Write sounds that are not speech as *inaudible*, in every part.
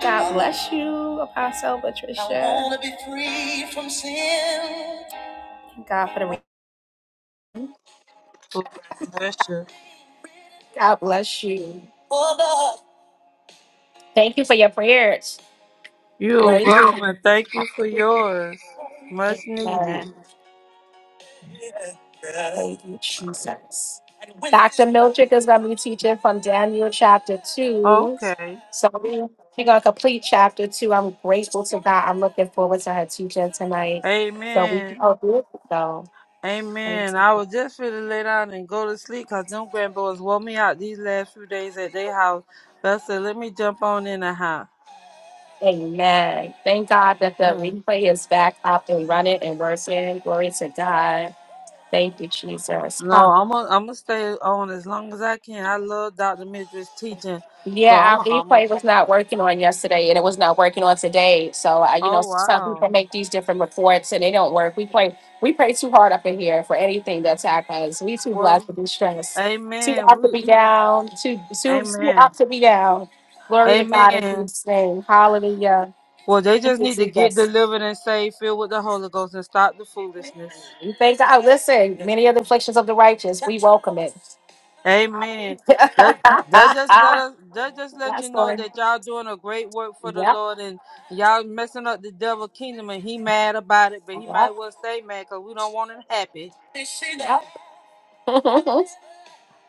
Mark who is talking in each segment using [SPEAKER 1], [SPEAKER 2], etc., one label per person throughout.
[SPEAKER 1] God bless you, Apostle Patricia. Thank God for the week.
[SPEAKER 2] Oh, God bless you.
[SPEAKER 1] God bless you. Thank you for your prayers.
[SPEAKER 2] You're
[SPEAKER 1] Praise you.
[SPEAKER 2] welcome and thank you for yours. Much needed.
[SPEAKER 1] Amen. Thank you, Jesus. Miltrick is going to be teaching from Daniel chapter 2.
[SPEAKER 2] Okay.
[SPEAKER 1] So we- we're going to complete chapter 2. I'm grateful to God. I'm looking forward to her teaching tonight. So we
[SPEAKER 2] Amen.
[SPEAKER 1] all do it. so. Praise
[SPEAKER 2] Amen.
[SPEAKER 1] the
[SPEAKER 2] I
[SPEAKER 1] Lord.
[SPEAKER 2] was just finna lay down and go to sleep because them grandboys wore me out these last few days at their house. But I said, let me jump on in the house.
[SPEAKER 1] Amen. Thank God that the
[SPEAKER 2] Mm.
[SPEAKER 1] replay is back up and running and working. Glory to God. Thank you, Jesus.
[SPEAKER 2] No,
[SPEAKER 1] Huh.
[SPEAKER 2] I'm gonna I'm gonna stay on as long as I can. I love Dr. Midra's teaching, so
[SPEAKER 1] Yeah,
[SPEAKER 2] I'm
[SPEAKER 1] our
[SPEAKER 2] a, I'm a,
[SPEAKER 1] replay was not working on yesterday, and it was not working on today. So, I, you know,
[SPEAKER 2] oh
[SPEAKER 1] some people
[SPEAKER 2] wow.
[SPEAKER 1] make these different reports, and they don't work. We play, we pray too hard up in here for anything to attack us. We too blessed
[SPEAKER 2] Well,
[SPEAKER 1] to be stressed, too
[SPEAKER 2] Amen.
[SPEAKER 1] up to
[SPEAKER 2] We
[SPEAKER 1] be down, too too too
[SPEAKER 2] Amen.
[SPEAKER 1] up to be down. Glory to God in
[SPEAKER 2] Amen.
[SPEAKER 1] Jesus' name. Hallelujah.
[SPEAKER 2] Well, they
[SPEAKER 1] Thank
[SPEAKER 2] just
[SPEAKER 1] you,
[SPEAKER 2] need to get
[SPEAKER 1] Jesus.
[SPEAKER 2] delivered and saved, filled with the Holy Ghost, and stop the foolishness.
[SPEAKER 1] We thank God. Listen, many of the afflictions of the righteous, we welcome it.
[SPEAKER 2] Amen. That that
[SPEAKER 1] *laughs*
[SPEAKER 2] just let
[SPEAKER 1] Hallelujah.
[SPEAKER 2] us that just let you
[SPEAKER 1] That's
[SPEAKER 2] know
[SPEAKER 1] Lord.
[SPEAKER 2] that y'all doing a great work for the
[SPEAKER 1] Yep.
[SPEAKER 2] Lord, and y'all messing up the devil kingdom, and he mad about it, but he might
[SPEAKER 1] Yep.
[SPEAKER 2] well stay mad because we don't want him happy.
[SPEAKER 1] *laughs* Thank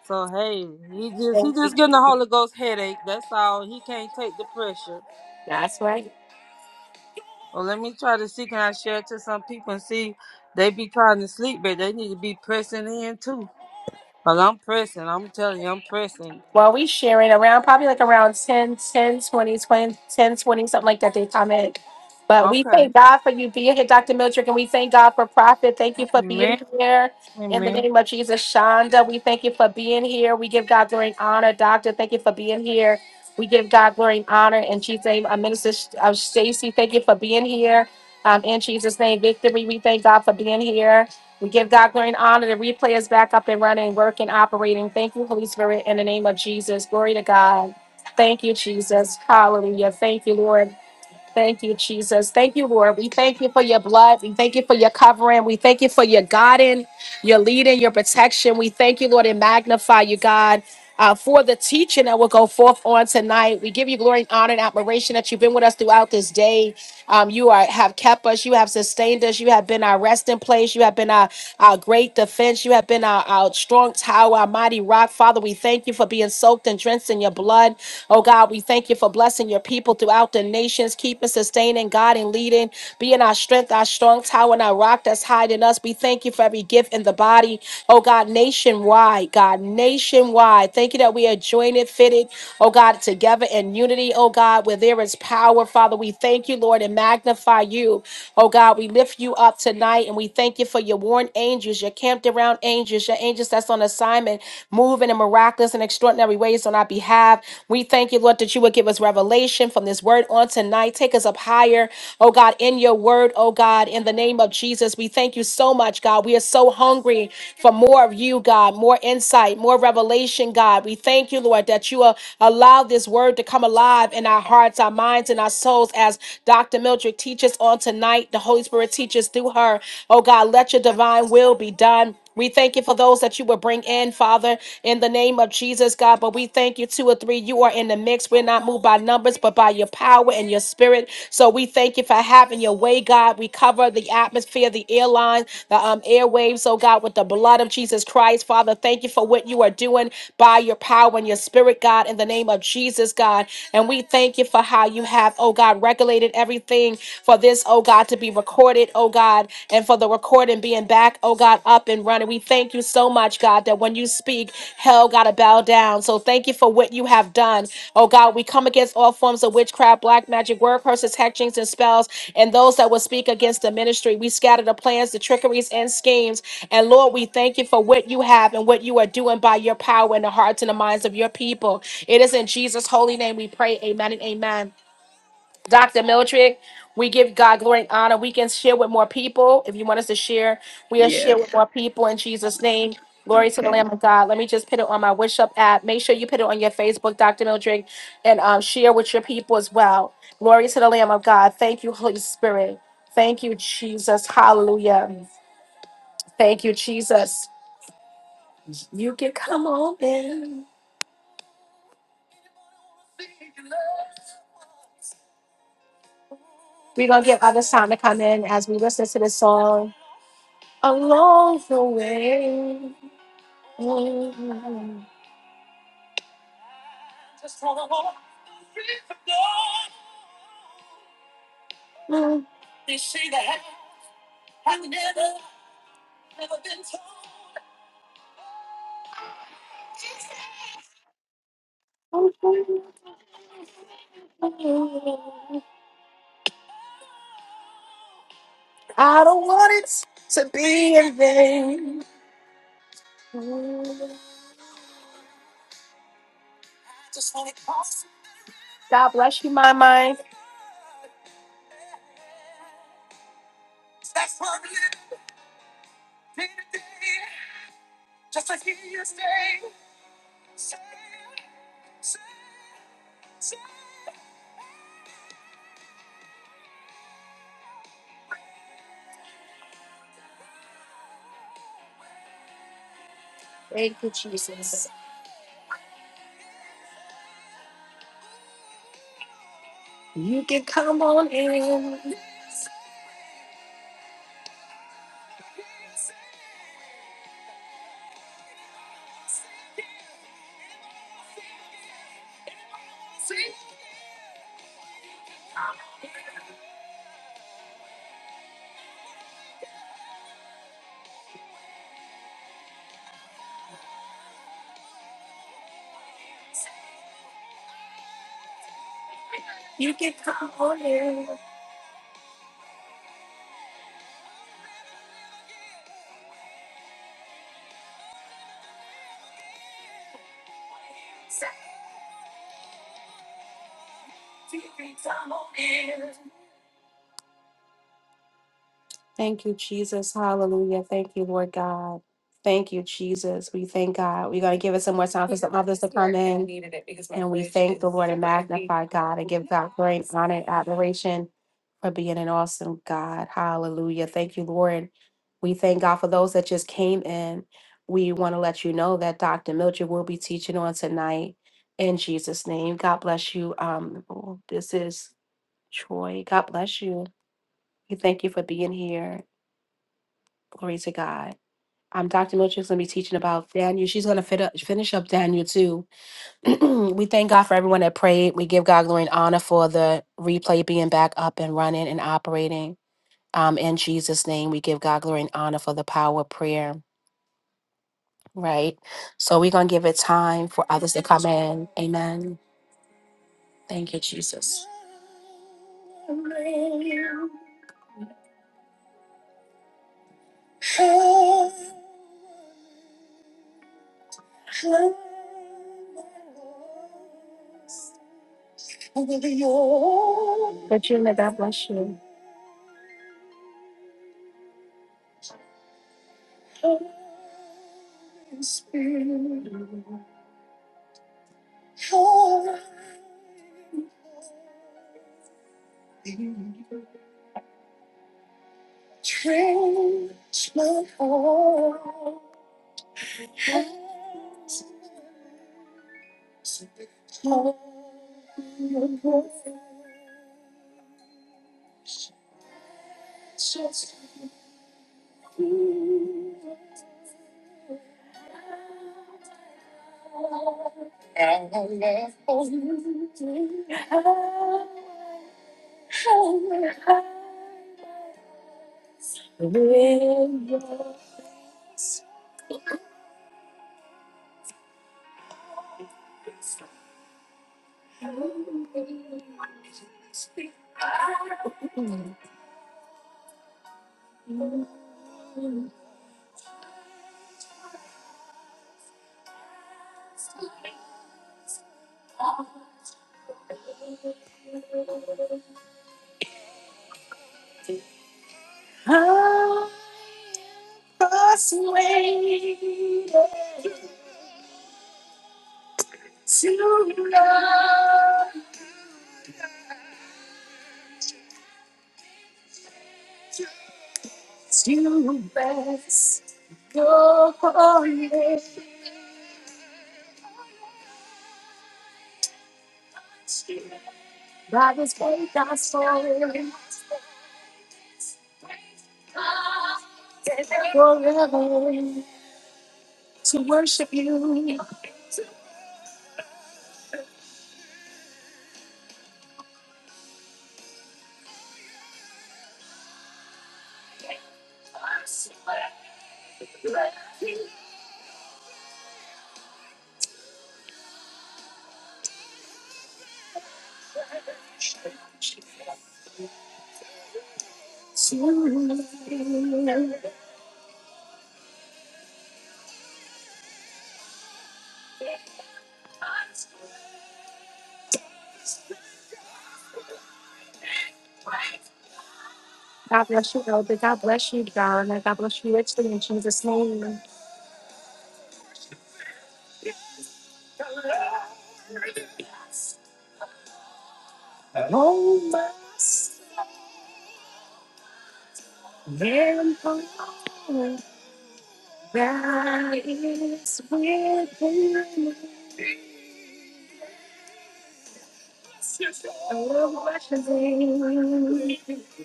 [SPEAKER 2] So hey, he just he
[SPEAKER 1] you,
[SPEAKER 2] just getting the
[SPEAKER 1] Jesus.
[SPEAKER 2] Holy Ghost headache. That's all. He can't take the pressure.
[SPEAKER 1] That's right.
[SPEAKER 2] Well, let me try to see can I share it to some people and see they be trying to sleep, but they need to be pressing in too. Cause I'm pressing. I'm telling you, I'm pressing.
[SPEAKER 1] Well, we share it around probably like around 10, 10, 20, 20, 10, 20 something like that. They comment. But we
[SPEAKER 2] Okay.
[SPEAKER 1] thank God for you being here, Dr. Mildred, and we thank God for Prophet. Thank you for
[SPEAKER 2] Amen.
[SPEAKER 1] being here. In the
[SPEAKER 2] Amen.
[SPEAKER 1] name of Jesus, Shonda, we thank you for being here. We give God glory and honor. Doctor, thank you for being here. We give God glory and honor. In Jesus' name, uh, Minister uh, Stacy, thank you for being here. Um, in Jesus' name, victory, we thank God for being here. We give God glory and honor. The replay is back up and running, working, operating. Thank you, Holy Spirit, in the name of Jesus. Glory to God. Thank you, Jesus. Hallelujah. Thank you, Lord. Thank you, Jesus. Thank you, Lord. We thank you for your blood. We thank you for your covering. We thank you for your guiding, your leading, your protection. We thank you, Lord, and magnify you, God. uh, for the teaching that will go forth on tonight. We give you glory and honor and admiration that you've been with us throughout this day. Um, you are have kept us. You have sustained us. You have been our resting place. You have been our, our great defense. You have been our, our strong tower, our mighty rock. Father, we thank you for being soaked and drenched in your blood. Oh God, we thank you for blessing your people throughout the nations, keeping, sustaining, guiding, leading, being our strength, our strong tower, and our rock that's hiding us. We thank you for every gift in the body. Oh God, nationwide, God, nationwide. Thank you that we are joined, fitted, oh God, together in unity, oh God, where there is power. Father, we thank you thank you, Lord, and magnify you. Oh God, we lift you up tonight and we thank you for your worn angels, your camped around angels, your angels that's on assignment, moving in miraculous and extraordinary ways on our behalf. We thank you, Lord, that you would give us revelation from this word on tonight. Take us up higher, oh God, in your word, oh God, in the name of Jesus. We thank you so much, God. We are so hungry for more of you, God, more insight, more revelation, God. We thank you, Lord, that you will allow this word to come alive in our hearts, our minds, and our souls souls as Dr. Mildred teaches on tonight. The Holy Spirit teaches through her. Oh God, let your divine will be done. We thank you for those that you will bring in, Father, in the name of Jesus, God. But we thank you, two or three, you are in the mix. We're not moved by numbers, but by your power and your spirit. So we thank you for having your way, God. We cover the atmosphere, the airline, the um, airwaves, oh God, with the blood of Jesus Christ, Father. Thank you for what you are doing by your power and your spirit, God, in the name of Jesus, God. And we thank you for how you have have, oh God, regulated everything for this, oh God, to be recorded, oh God, and for the recording being back, oh God, up and running. We thank you so much, God, that when you speak, hell got to bow down. So thank you for what you have done. Oh God, we come against all forms of witchcraft, black magic, word curses, hexings, and spells, and those that will speak against the ministry. We scatter the plans, the trickeries, and schemes. And Lord, we thank you for what you have and what you are doing by your power in the hearts and the minds of your people. It is in Jesus' holy name we pray. Amen and amen. Dr. Miltrick. We give God glory and honor. We can share with more people. If you want us to share, we are share with
[SPEAKER 3] Yes.
[SPEAKER 1] more people in Jesus' name. Glory to the
[SPEAKER 3] Okay.
[SPEAKER 1] Lamb of God. Let me just put it on my Wish Up app. Make sure you put it on your Facebook, Dr. Miltrick, and um, share with your people as well. Glory to the Lamb of God. Thank you, Holy Spirit. Thank you, Jesus. Hallelujah. Thank you, Jesus. You can come on in. We're going to give others time to come in as we listen to this song along the way. I don't want it to be in vain. God bless you, my mind. Thank you, Jesus. You can come on in. You can come on in. Thank you, Jesus. Hallelujah. Thank you, Lord God. Thank you, Jesus. We thank God. We're going to give it some more time for some others to come in. And we thank the Lord and magnify God and give God *laughs* great honor and admiration for being an awesome God. Hallelujah. Thank you, Lord. We thank God for those that just came in. We want to let you know that Dr. Mildred will be teaching on tonight in Jesus' name. God bless you. Um, oh, this is Troy. God bless you. We thank you for being here. Glory to God. Um, Dr. Milchick's going to be teaching about Daniel. She's going to fit up, finish up Daniel too. *clears throat* we thank God for everyone that prayed. We give God glory and honor for the replay being back up and running and operating. Um, in Jesus' name, we give God glory and honor for the power of prayer. Right. So we're going to give it time for others to come in. Amen. Thank you, Jesus. Regina, God bless you. *laughs* With your sweet eyes, I'm persuaded to love you too. God bless you, Elder. God bless you, Donna. God bless you richly in Jesus' name. Oh, my Savior, that is within me. bless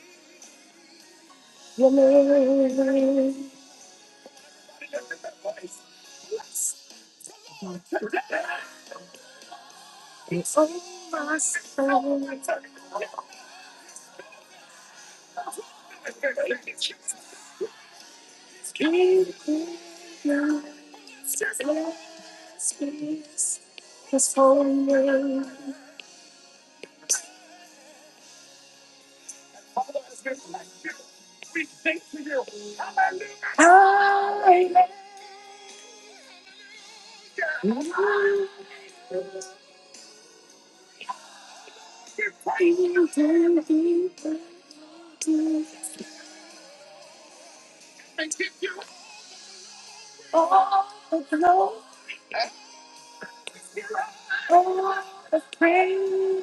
[SPEAKER 1] your name. Your name. It's all my fault. Give me just one last kiss, just for me. I love you. You don't know. Oh, the pain.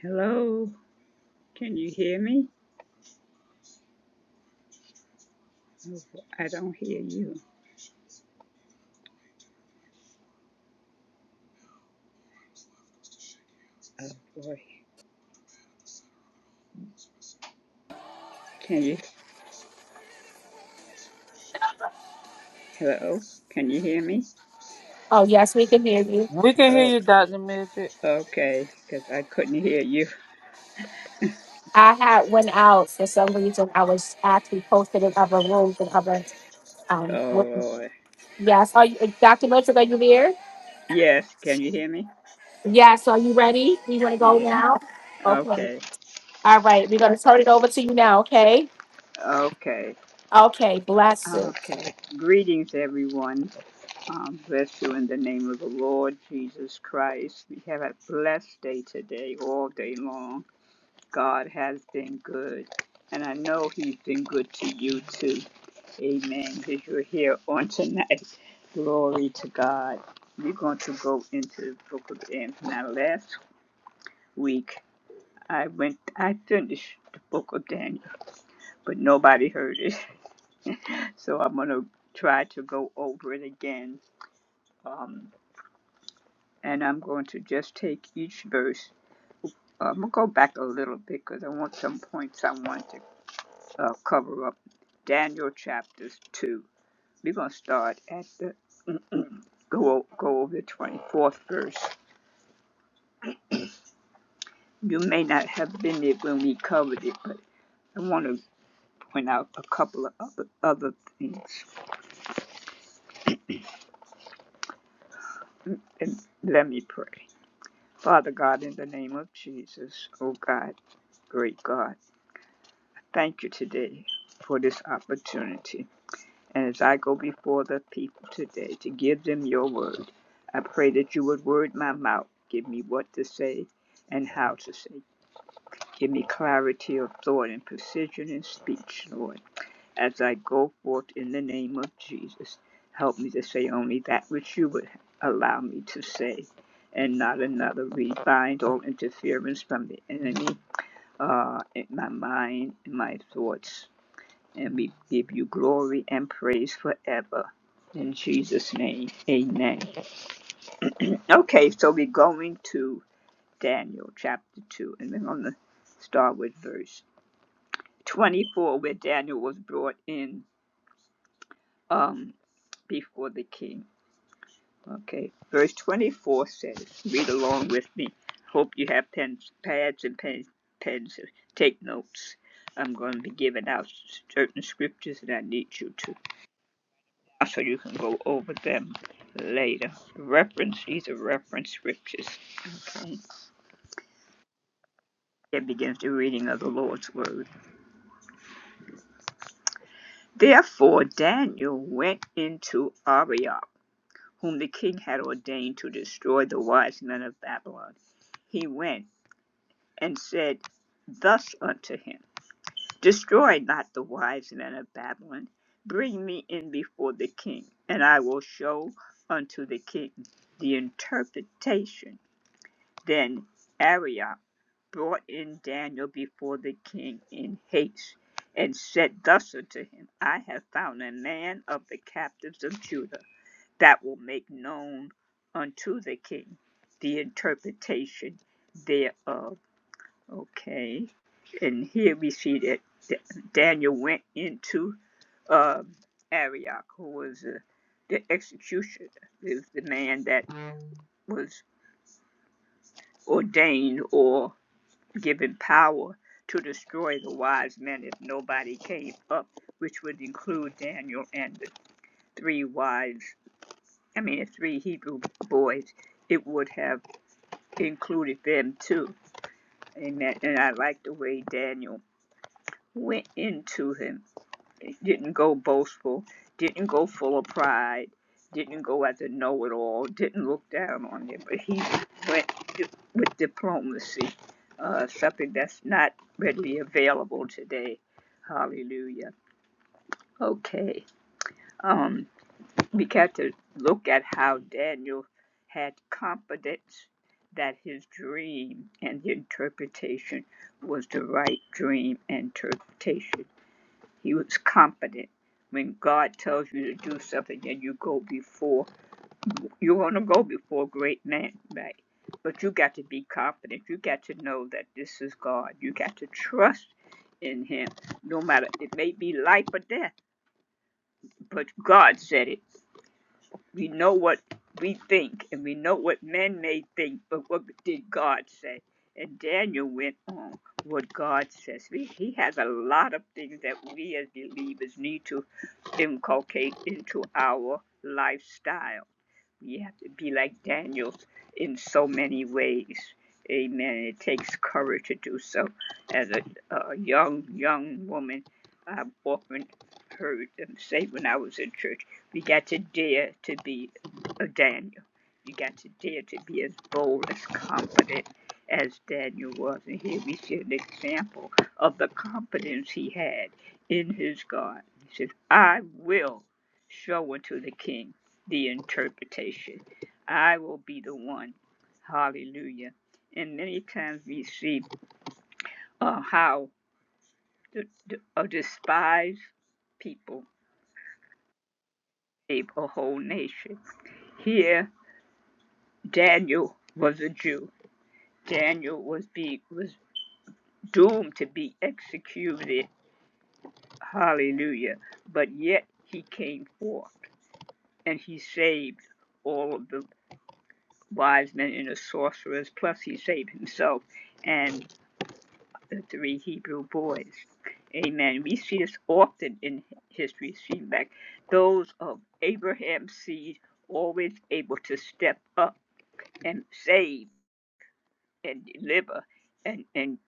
[SPEAKER 3] Hello. Can you hear me? Oh, I don't hear you. Oh boy. Can you? Hello. Can you hear me?
[SPEAKER 1] Oh, yes, we can hear you.
[SPEAKER 2] We can hear
[SPEAKER 3] Oh,
[SPEAKER 2] you, Dr. Midget.
[SPEAKER 3] okay. Because I couldn't hear you.
[SPEAKER 1] I had went out for some reason. I was actually posted in other rooms and other um
[SPEAKER 3] Oh
[SPEAKER 1] rooms.
[SPEAKER 3] Lord.
[SPEAKER 1] Yes. Are you, Dr. Miltrick, are you there?
[SPEAKER 3] Yes. Can you hear me?
[SPEAKER 1] Yes. Are you ready? You want to go
[SPEAKER 3] Yeah.
[SPEAKER 1] now? Okay.
[SPEAKER 3] Okay.
[SPEAKER 1] All right. We're going to turn it over to you now. Okay.
[SPEAKER 3] Okay.
[SPEAKER 1] Okay. Blessed.
[SPEAKER 3] Okay. Greetings, everyone. Um, bless you in the name of the Lord Jesus Christ. We have a blessed day today, all day long. God has been good. And I know he's been good to you too. Amen. Because you're here on tonight. Glory to God. We're going to go into the book of Daniel. Now last week I went I finished the book of Daniel, but nobody heard it. *laughs* So I'm gonna try to go over it again. Um and I'm going to just take each verse. I'm gonna go back a little bit because I want some points I want to uh, cover up Daniel chapters 2. We're going to start at the go, go over the 24th verse. You may not have been there when we covered it, but I want to point out a couple of other, other things. And let me pray. Father God, in the name of Jesus, oh God, great God, thank you today for this opportunity And as I go before the people today to give them your word, I pray that you would word my mouth. Give me what to say and how to say. Give me clarity of thought and precision in speech, Lord. As I go forth in the name of Jesus, help me to say only that which you would allow me to say and not another. We bind all interference from the enemy uh, in my mind, in my thoughts and we give you glory and praise forever. In Jesus' name, amen. Okay, so we're going to Daniel chapter 2, and we're going to start with verse 24, where Daniel was brought in um, before the king. Okay, verse 24 says, read along with me. Hope you have pens, pads, and pens, pens. Take notes. I'm going to be giving out certain scriptures, and I need you to So you can go over them later. Reference, these are reference scriptures. Okay. That begins the reading of the Lord's word. Therefore Daniel went into Arioch, whom the king had ordained to destroy the wise men of Babylon. He went and said thus unto him, Destroy not the wise men of Babylon. Bring me in before the king, and I will show unto the king the interpretation Then Arioch brought in Daniel before the king in haste, and said thus unto him, I have found a man of the captives of Judah that will make known unto the king the interpretation thereof. Okay, and here we see that Daniel went into um, Arioch, who was uh, the executioner, is the man that was ordained or. given power to destroy the wise men if nobody came up, which would include Daniel and the three wise, I mean, the three Hebrew boys. It would have included them too. Amen. And I like the way Daniel went into him didn't go boastful, didn't go full of pride, didn't go as a know it all, didn't look down on it. but he went with diplomacy, uh, something that's not readily available today. Hallelujah. Okay, um, we got to look at how Daniel had confidence that his dream and the interpretation was the right dream and interpretation he was confident. When God tells you to do something and you go before, you want to go before a great man, right? But you got to be confident. You got to know that this is God. You got to trust in Him, no matter it may be life or death, but God said it. We know what we think and we know what men may think, but what did God say? And Daniel went on what God says. We, he has a lot of things that we as believers need to inculcate into our lifestyle we have to be like Daniel in so many ways. Amen. It takes courage to do so. As a, a young, young woman, I've often heard them say when I was in church, we got to dare to be a Daniel. You got to dare to be as bold, as confident as Daniel was. And here we see an example of the confidence he had in his God. He says, I will show unto the king the interpretation. I will be the one. Hallelujah. And many times we see uh, how the, the uh, despised people save a whole nation. Here, Daniel was a Jew. Daniel was be was doomed to be executed. Hallelujah. But yet he came forth and he saved all of the wise men and the sorcerers. Plus, he saved himself. And the three Hebrew boys. Amen. We see this often in history. See back those of Abraham's seed always able to step up and save and deliver and, and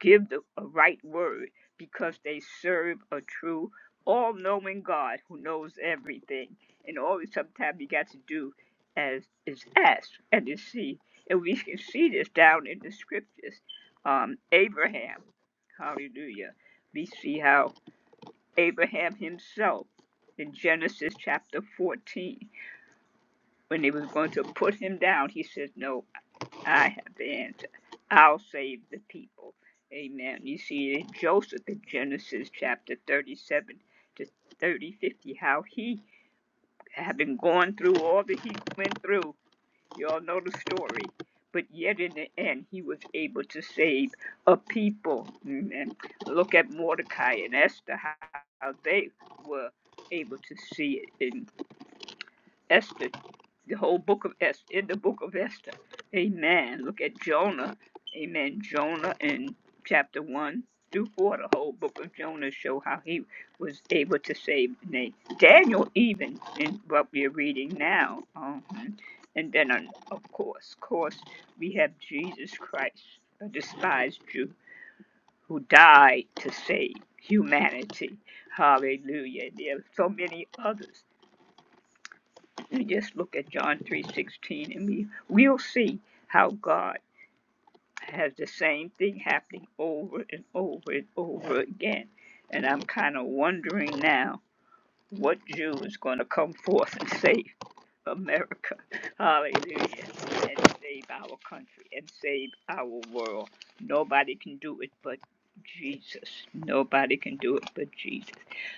[SPEAKER 3] give the a right word because they serve a true, all knowing God who knows everything. And always sometimes you got to do as is asked and is seen. And we can see this down in the scriptures. Um, Abraham. Hallelujah. We see how Abraham himself in Genesis chapter 14, when they was going to put him down, he said, No, I have the answer. I'll save the people. Amen. You see in Joseph in Genesis chapter 37 to 30, fifty, how he, having gone through all that he went through, Y'all know the story. But yet in the end, he was able to save a people. Mm, And Look at Mordecai and Esther, how they were able to see it. Esther, the whole book of Esther, in the book of Esther. Amen. Look at Jonah. Amen. Jonah in chapter 1 through 4, the whole book of Jonah show how he was able to save Na- Daniel, even in what we're reading now. Um, and then, on, of course, of course, we have Jesus Christ, a despised Jew, who died to save humanity. Hallelujah. There are so many others we just look at John 3:16 and we we'll see how God has the same thing happening over and over and over again. And I'm kind of wondering now what Jew is going to come forth and say America. Hallelujah. And save our country and save our world. Nobody can do it but Jesus. Nobody can do it but Jesus.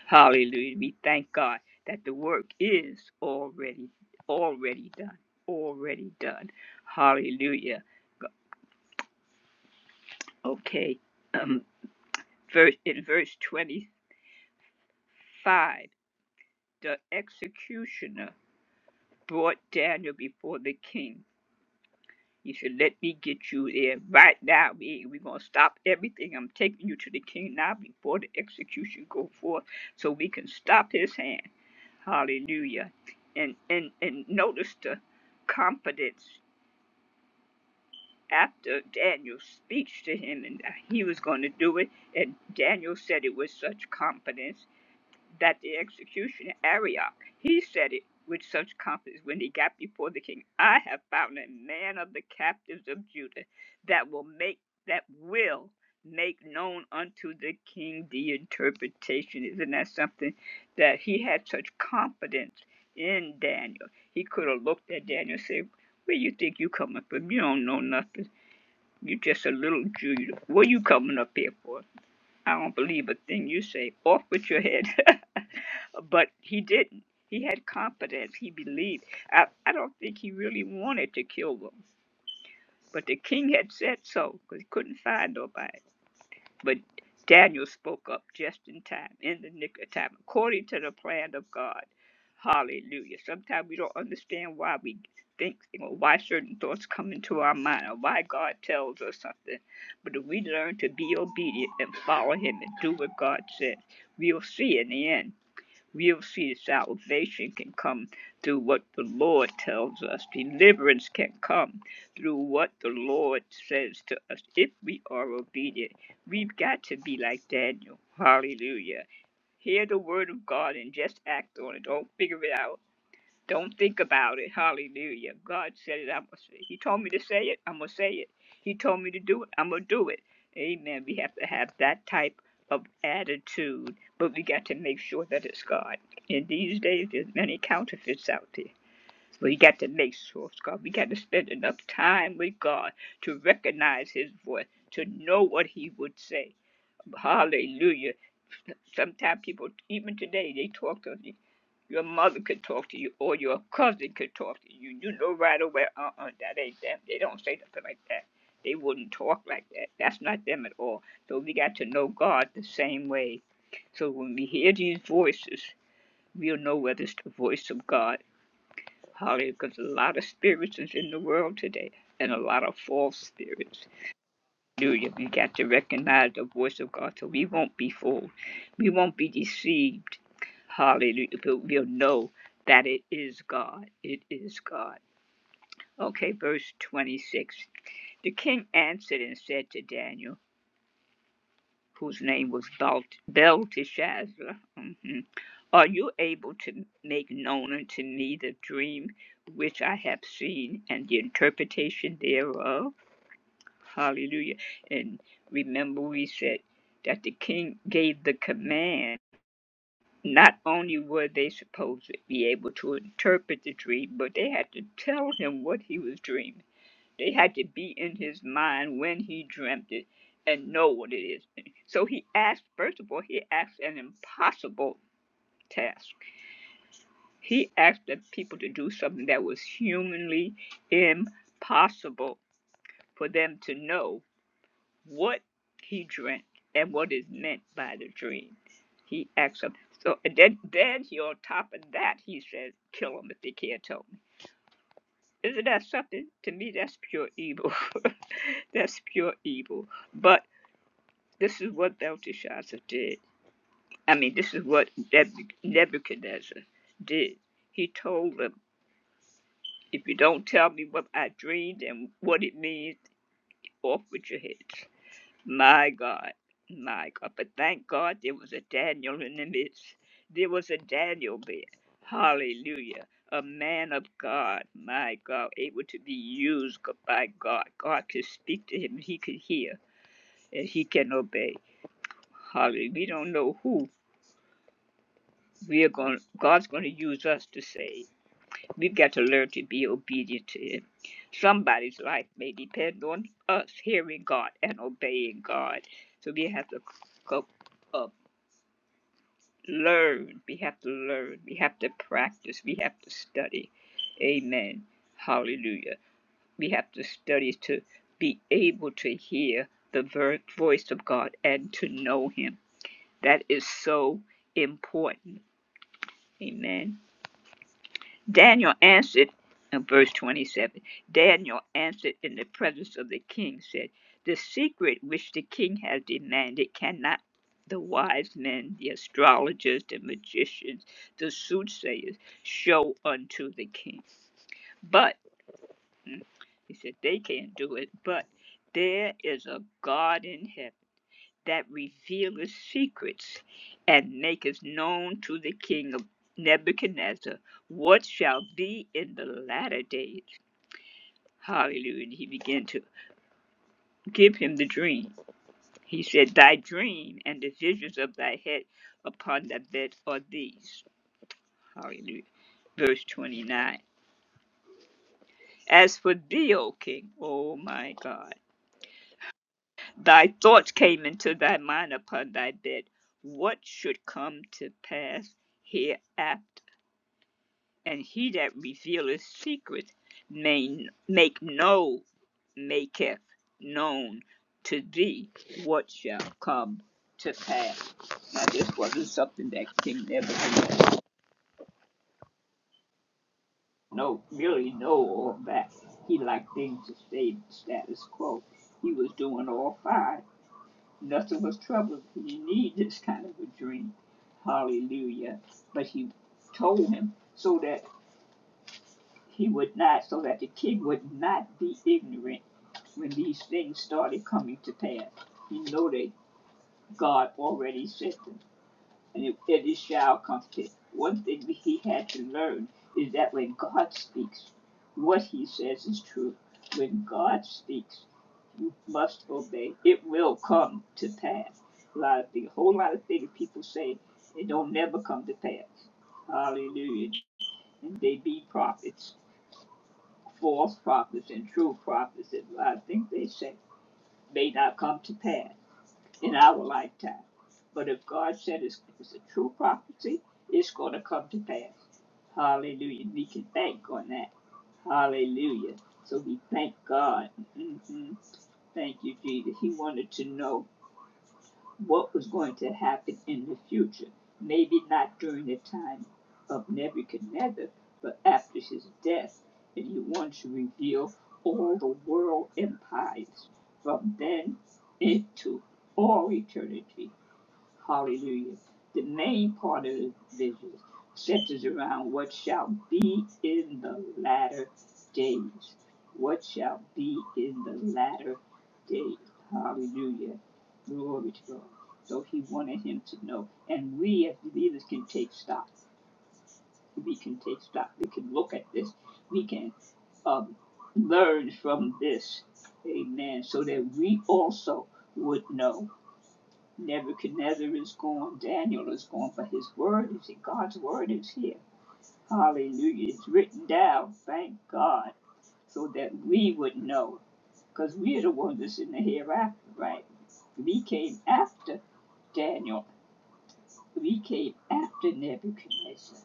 [SPEAKER 3] Hallelujah. We thank God that the work is already already done. Already done. Hallelujah. Okay. Um verse in verse 25, the executioner brought Daniel before the king He said, Let me get you there right now. We, we're going to stop everything. I'm taking you to the king now before the execution go forth so we can stop his hand. Hallelujah. And, and, and notice the confidence after Daniel's speech to him and he was going to do it. And Daniel said it with such confidence that the executioner Arioch, he said it with such confidence when he got before the king. I have found a man of the captives of Judah that will make that will make known unto the king the interpretation. Isn't that something that he had such confidence in Daniel? He could have looked at Daniel and said, Where you think you coming from? You don't know nothing. You just a little Jew. What you coming up here for? I don't believe a thing you say. Off with your head. *laughs* but he didn't. He had confidence. He believed. I, I don't think he really wanted to kill them, but the king had said so because he couldn't find nobody. But Daniel spoke up just in time, in the nick of time, according to the plan of God. Hallelujah. Sometimes we don't understand why we think, you know, why certain thoughts come into our mind or why God tells us something. But if we learn to be obedient and follow Him and do what God says, we'll see in the end. We'll see salvation can come through what the Lord tells us. Deliverance can come through what the Lord says to us if we are obedient. We've got to be like Daniel. Hallelujah. Hear the word of God and just act on it. Don't figure it out don't think about it. Hallelujah. God said it. I'm gonna say it. He told me to say it. I'm going to say it. He told me to do it. I'm going to do it. Amen. We have to have that type of attitude, but we got to make sure that it's God. In these days, there's many counterfeits out there. We got to make sure it's God. We got to spend enough time with God to recognize His voice, to know what He would say. Hallelujah. Sometimes people, even today, they talk to us. Your mother could talk to you, or your cousin could talk to you. You know right away, uh uh that ain't them. They don't say nothing like that. They wouldn't talk like that. That's not them at all. So we got to know God the same way. So when we hear these voices, we'll know whether it's the voice of God. Hallelujah. Because a lot of spirits is in the world today, and a lot of false spirits. Hallelujah. We got to recognize the voice of God so we won't be fooled. We won't be deceived. Hallelujah. But we'll know that it is God. It is God. Okay, verse 26. The king answered and said to Daniel, whose name was Belt- Belteshazzar, mhm, Are you able to make known unto me the dream which I have seen and the interpretation thereof? Hallelujah. And remember, we said that the king gave the command. Not only were they supposed to be able to interpret the dream, but they had to tell him what he was dreaming. They had to be in his mind when he dreamt it and know what it is. So he asked, first of all, he asked an impossible task. He asked the people to do something that was humanly impossible for them to know what he dreamt and what is meant by the dreams. He asks him. So and then, then he, on top of that, he says, "Kill him if they can't tell me." Isn't that something? To me, that's pure evil. *laughs* that's pure evil. But this is what Belteshazzar did. I mean, this is what Nebuchadnezzar did. He told them, "If you don't tell me what I dreamed and what it means, off with your heads." My God, my God. But thank God there was a Daniel in the midst. There was a Daniel there. Hallelujah. A man of God, my God, able to be used g- by God. God could speak to him, and he could hear, and he can obey. Hallelujah. We don't know who we are going God's going to use us to save. We've got to learn to be obedient to him. Somebody's life may depend on us hearing God and obeying God. So we have to go learn. We have to learn. We have to practice. We have to study. Amen. Hallelujah. We have to study to be able to hear the voice of God and to know Him. That is so important. Amen. Daniel answered, in verse 27, Daniel answered in the presence of the king, said, The secret which the king has demanded cannot the wise men, the astrologers, the magicians, the soothsayers show unto the king. But, mm, he said, they can't do it, but there is a God in heaven that revealeth secrets and maketh known to the king of Nebuchadnezzar what shall be in the latter days. Hallelujah. And he began to give him the dream. He said, Thy dream and the visions of thy head upon thy bed are these. Hallelujah. Verse 29. As for thee, O king, O my God, thy thoughts came into thy mind upon thy bed. What should come to pass hereafter? and he that revealeth secret may make no maketh known to thee what shall come to pass. Now this wasn't something that King Nebuchadnezzar no really know all about. He liked things to stay status quo. He was doing all fine. Nothing was troubling. He didn't need this kind of a dream. Hallelujah. But he told him so that He would not, so that the king would not be ignorant when these things started coming to pass. He know that God already said them, and it, and it shall come to. pass. One thing that he had to learn is that when God speaks, what he says is true. When God speaks, you must obey. It will come to pass. A lot of things, a whole lot of things people say, it don't never come to pass. Hallelujah. And they be prophets false prophets and true prophets, and I think they say may not come to pass in our lifetime. But if God said it's, it's a true prophecy, it's going to come to pass. Hallelujah. We can thank on that. Hallelujah. So we thank God. hmm Thank you, Jesus. He wanted to know what was going to happen in the future. Maybe not during the time of Nebuchadnezzar, but after his death. And he wants to reveal all the world empires from then into all eternity. Hallelujah. The main part of the vision centers around what shall be in the latter days. What shall be in the latter days. Hallelujah. Glory to God. So he wanted him to know. And we as believers can take stock. We can take stock. We can look at this. We can um, learn from this. Amen. So that we also would know. Nebuchadnezzar is gone. Daniel is gone. But his word is here. God's word is here. Hallelujah. It's written down. Thank God. So that we would know. Because we are the ones that's in the hereafter, right? We came after Daniel. We came after Nebuchadnezzar.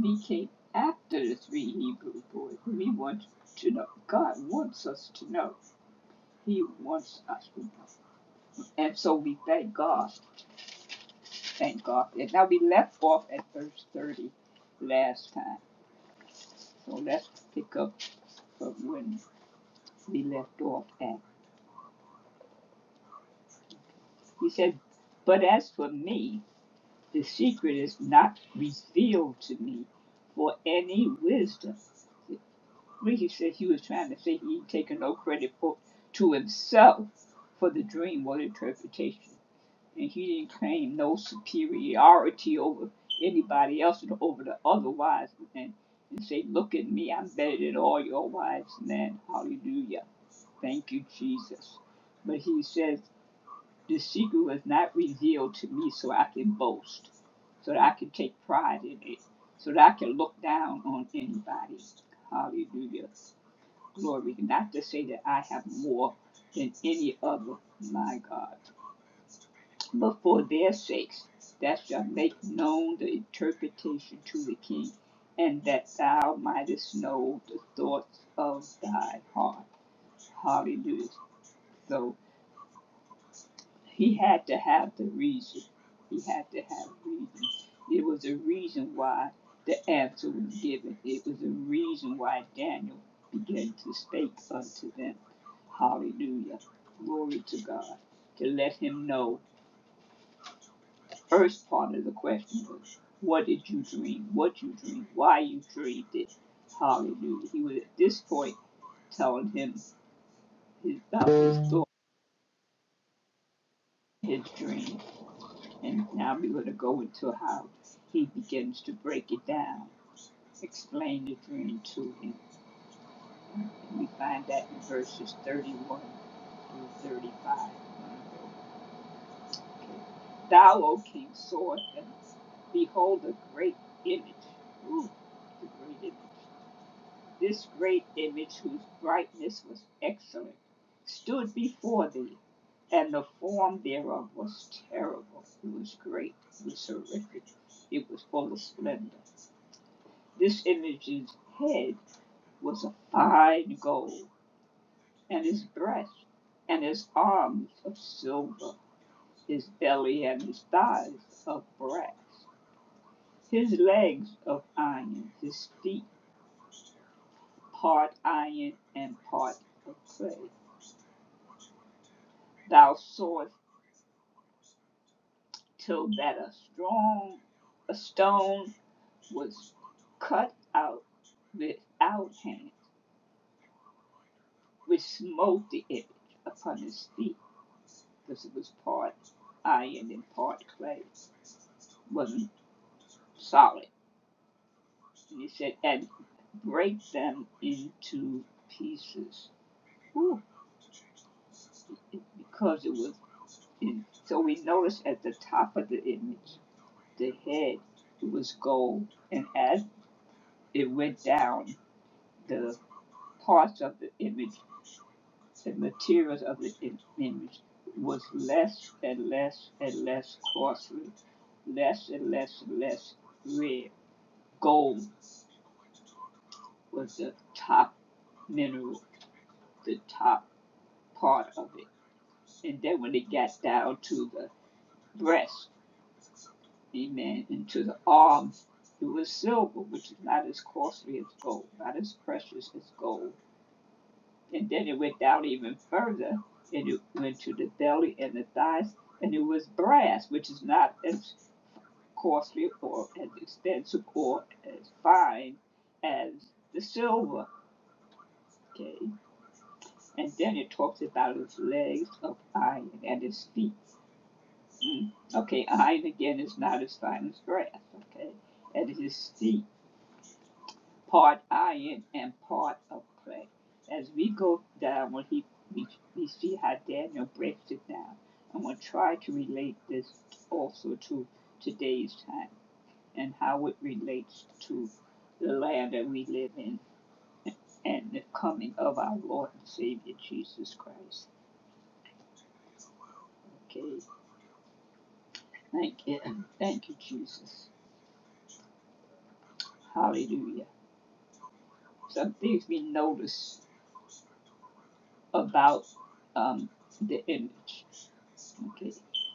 [SPEAKER 3] We came after the three Hebrew boys. We want to know. God wants us to know. He wants us to know. And so we thank God. Thank God. And now we left off at verse 30 last time. So let's pick up from when we left off at. He said, But as for me, the secret is not revealed to me for any wisdom. When he said he was trying to say he ain't taking no credit for to himself for the dream or interpretation. and he didn't claim no superiority over anybody else and over the other wise men and say, Look at me, I'm better than all your wise men. Hallelujah. Thank you, Jesus. But he says, The secret was not revealed to me so I can boast, so that I can take pride in it, so that I can look down on anybody. Hallelujah. Glory. Not to say that I have more than any other. My God. But for their sakes thou shalt make known the interpretation to the king, and that thou mightest know the thoughts of thy heart. Hallelujah. So he had to have the reason. He had to have reason. It was a reason why the answer was given. It was a reason why Daniel began to speak unto them. Hallelujah. Glory to God. To let him know. first part of the question. What did you dream? What you dreamed? Why you dreamed it? Hallelujah. He was at this point telling him his, about his thought, his dream. And now we're going to go into how he begins to break it down, explain the dream to him. And we find that in verses 31 through 35. Okay. Thou, O king, sawest them. Behold, a great image. Ooh, the great image. This great image, whose brightness was excellent, stood before thee, and the form thereof was terrible. It was great, it was horrific, it was full of splendor. This image's head was of fine gold, and his breast and his arms of silver, his belly and his thighs of brass, his legs of iron, his feet part iron and part of clay. thou sawest till that a strong a stone was cut out without hand, which smote the image upon his feet, because it was part iron and part clay, wasn't solid. And he said, and break them into pieces. Whew, because it was in. So we noticed at the top of the image, the head it was gold, and as it went down, the parts of the image, the materials of the image, was less and less and less costly, less and less and less rare. Gold was the top mineral, the top part of it. And then when it got down to the breast, amen, and to the arms, it was silver, which is not as costly as gold, not as precious as gold And then it went down even further, and it went to the belly and the thighs, and it was brass, which is not as costly or as expensive or as fine as the silver. Okay, and then it talks about its legs of iron and its feet. Mm. Okay, iron again is not as fine as brass. Okay, and his feet part iron and part of clay. As we go down, when he we, we see how Daniel breaks it down, I'm going to try to relate this also to today's time and how it relates to the land that we live in and the coming of our Lord and Savior Jesus Christ. Okay, thank you, thank you, Jesus. Hallelujah. Some things we notice about um, the image. Okay.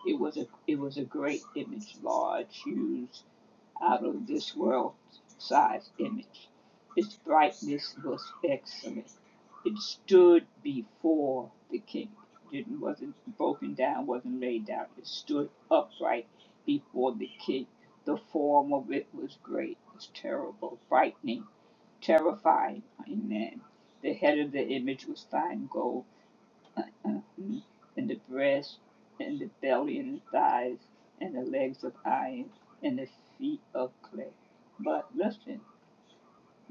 [SPEAKER 3] It was a it was a great image, large, huge, out of this world size image. Its brightness was excellent. It stood before the king. Didn't wasn't broken down, wasn't laid down. It stood upright before the king. The form of it was great. It was terrible, frightening, terrifying. Amen. The head of the image was fine gold and the breast, and the belly, and the thighs, and the legs of iron, and the feet of clay. But listen,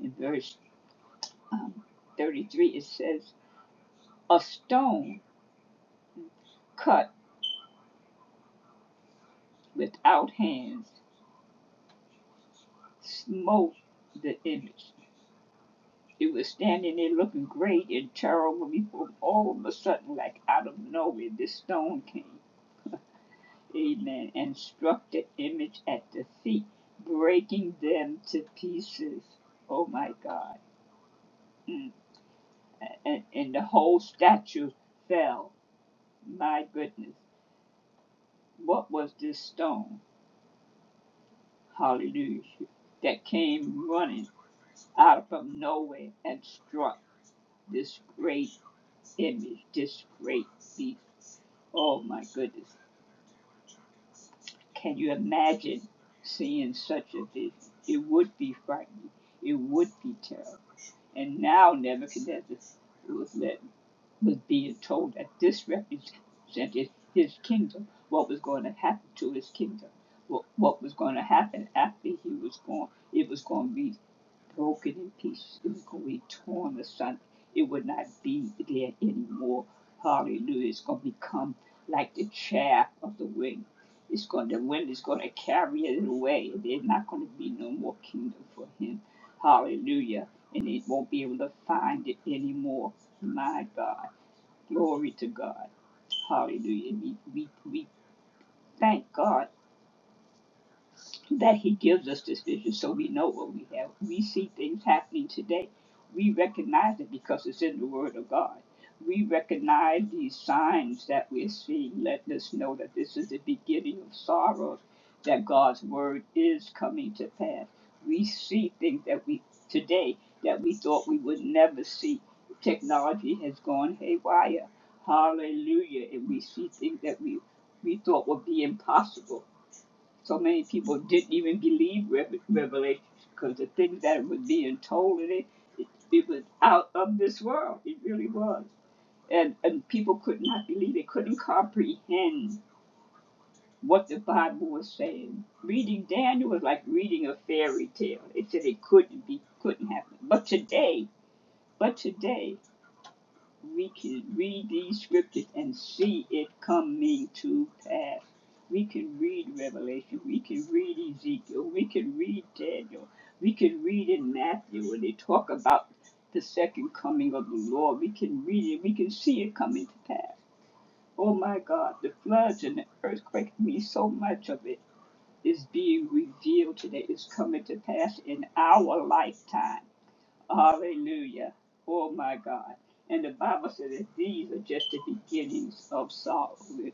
[SPEAKER 3] in verse um, 33, it says, A stone cut without hands smote the image. It was standing there looking great and terrible before all of a sudden, like out of nowhere, this stone came Amen. And struck the image at the feet, breaking them to pieces. Oh my God. Mm. And, and the whole statue fell. My goodness. What was this stone? Hallelujah. That came running out from nowhere and struck this great image, this great beast. Oh my goodness. Can you imagine seeing such a vision? It would be frightening. It would be terrible. And now Nebuchadnezzar was, let, was being told that this represented his kingdom, what was going to happen to his kingdom, what, what was going to happen after he was gone. It was going to be broken in pieces, It was going to be torn asunder. It would not be there anymore. Hallelujah. It's going to become like the chaff of the wind. It's going, the wind is going to carry it away. There's not going to be no more kingdom for him. Hallelujah. And it won't be able to find it anymore. My God. Glory to God. Hallelujah. We, we, we thank God that he gives us this vision so we know what we have. We see things happening today. We recognize it because it's in the Word of God. We recognize these signs that we're seeing, letting us know that this is the beginning of sorrows, that God's Word is coming to pass. We see things that we today that we thought we would never see. Technology has gone haywire. Hallelujah. And we see things that we, we thought would be impossible so many people didn't even believe Revelation because the things that was being told in it, it, it was out of this world. It really was. And, and people could not believe it, couldn't comprehend what the Bible was saying. Reading Daniel was like reading a fairy tale. It said it couldn't be, couldn't happen. But today, but today, we can read these scriptures and see it coming to pass. We can read Revelation, we can read Ezekiel, we can read Daniel, we can read in Matthew when they talk about the second coming of the Lord. We can read it, we can see it coming to pass. Oh my God, the floods and the earthquakes mean so much of it is being revealed today. It's coming to pass in our lifetime Hallelujah. Oh my God. And the Bible says that these are just the beginnings of sorrow. We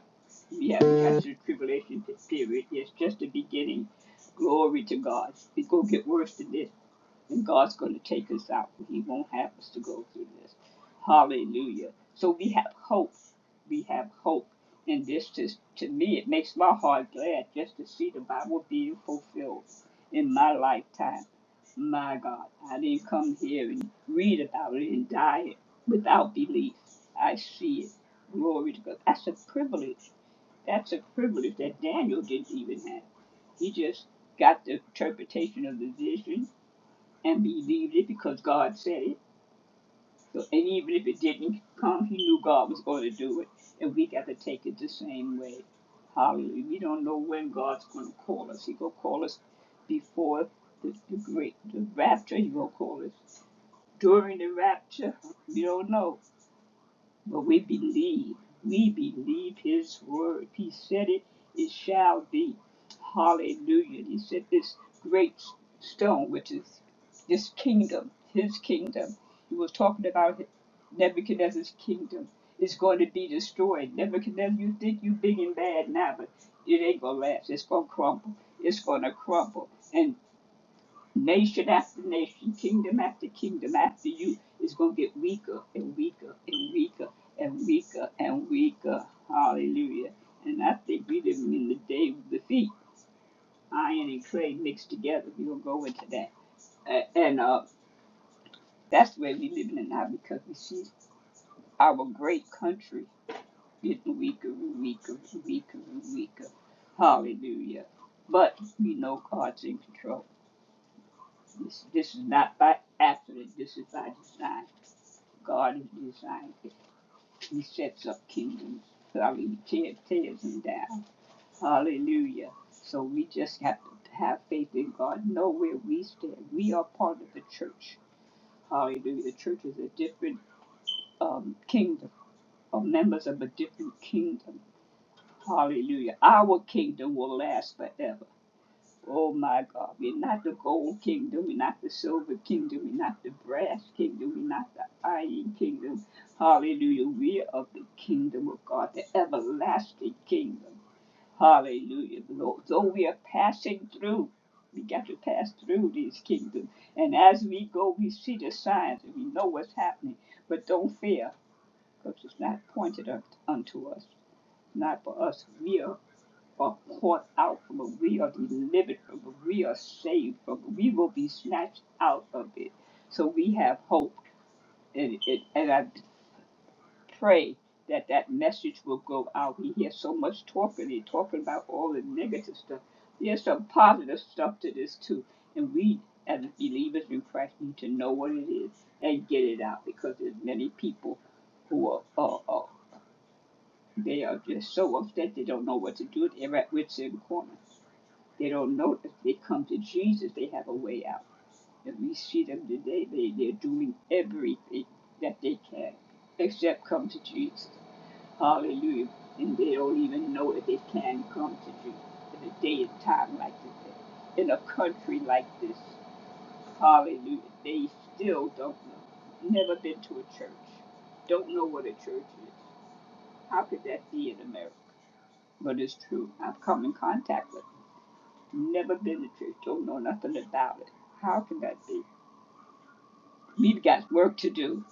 [SPEAKER 3] have got through tribulation period. It's just the beginning. Glory to God. It's going to get worse than this. And God's going to take us out. He won't have us to go through this. Hallelujah. So we have hope. We have hope. And this just, to me, it makes my heart glad just to see the Bible being fulfilled in my lifetime. My God, I didn't come here and read about it and die it without belief. I see it. Glory to God. That's a privilege. That's a privilege that Daniel didn't even have. He just got the interpretation of the vision and believed it because God said it. So, and even if it didn't come, he knew God was going to do it. And we got to take it the same way. Hallelujah. We don't know when God's going to call us. He going to call us before the, the great the rapture. He going to call us during the rapture. We don't know. But we believe, we believe his word. He said it, it shall be. Hallelujah. He said this great stone, which is this kingdom, his kingdom. He was talking about Nebuchadnezzar's kingdom is going to be destroyed. Nebuchadnezzar, you think you big and bad now, but it ain't gonna last. It's gonna crumble. It's gonna crumble. and. Nation after nation, kingdom after kingdom after you is going to get weaker and weaker and weaker and weaker and weaker. Hallelujah. And I think we living in the day of defeat. Iron and clay mixed together. We don't go into that. A- And uh, that's where we living in now because we see our great country getting weaker and weaker and weaker and weaker. Hallelujah. But we know God's in control. This, this is not by accident. This is by design. God is designed. He sets up kingdoms. I mean, tears, tears him down. Hallelujah. So we just have to have faith in God, know where we stand. We are part of the church. Hallelujah. The church is a different um, kingdom, or members of a different kingdom. Hallelujah. Our kingdom will last forever. Oh my God, we're not the gold kingdom, we're not the silver kingdom, we're not the brass kingdom, we're not the iron kingdom. Hallelujah. We are of the kingdom of God, the everlasting kingdom. Hallelujah. Lord. Though we are passing through, we got to pass through these kingdoms. And as we go, we see the signs and we know what's happening. But don't fear, because it's not pointed up unto us, not for us. We are are caught out from it. We are delivered from it. We are saved from it. We will be snatched out of it. So we have hope. And, and, and I pray that that message will go out. We hear so much talking and talking about all the negative stuff. There's some positive stuff to this too. And we, as believers in Christ, need to know what it is and get it out because there's many people who are, are, are they are just so upset they don't know what to do. They're at wits' end corner they don't know if they come to Jesus, they have a way out. And we see them today, they, they're doing everything that they can except come to Jesus. Hallelujah. And they don't even know if they can come to Jesus in a day and time like today, in a country like this. Hallelujah. They still don't know. Never been to a church. Don't know what a church is. How could that be in America? But it's true. I've come in contact with Never been to church, don't know nothing about it. How can that be? We've got work to do.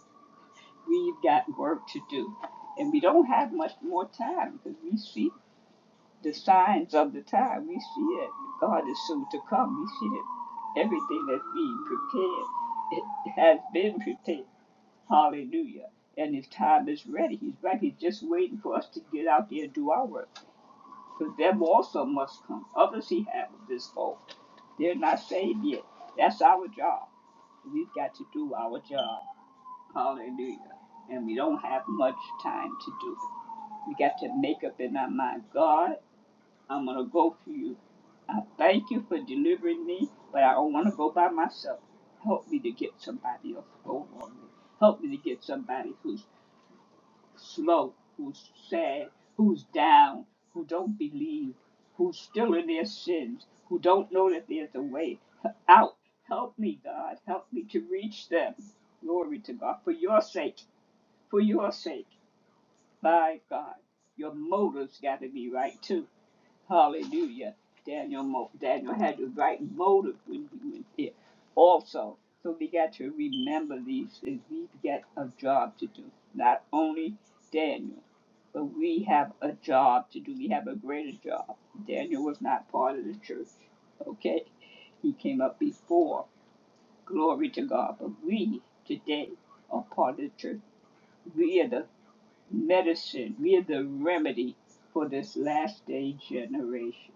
[SPEAKER 3] We've got work to do. And we don't have much more time because we see the signs of the time. We see it. God is soon to come. We see that everything that's being prepared, it has been prepared. Hallelujah. And his time is ready. He's right. He's just waiting for us to get out there and do our work. Because them also must come. Others he has this hope. They're not saved yet. That's our job. We've got to do our job. Hallelujah. And we don't have much time to do it. We got to make up in our mind, God, I'm going to go for you. I thank you for delivering me, but I don't want to go by myself. Help me to get somebody else to go on me. Help me to get somebody who's slow, who's sad, who's down, who don't believe, who's still in their sins, who don't know that there's a way out. Help me, God. Help me to reach them. Glory to God. For your sake. For your sake. My God. Your motives got to be right, too. Hallelujah. Daniel, mo- Daniel had the right motive when he went there also. So we got to remember these things. We got a job to do. Not only Daniel but we have a job to do. We have a greater job. Daniel was not part of the church, okay? He came up before. Glory to God. But we today are part of the church. We are the medicine. We are the remedy for this last day generation.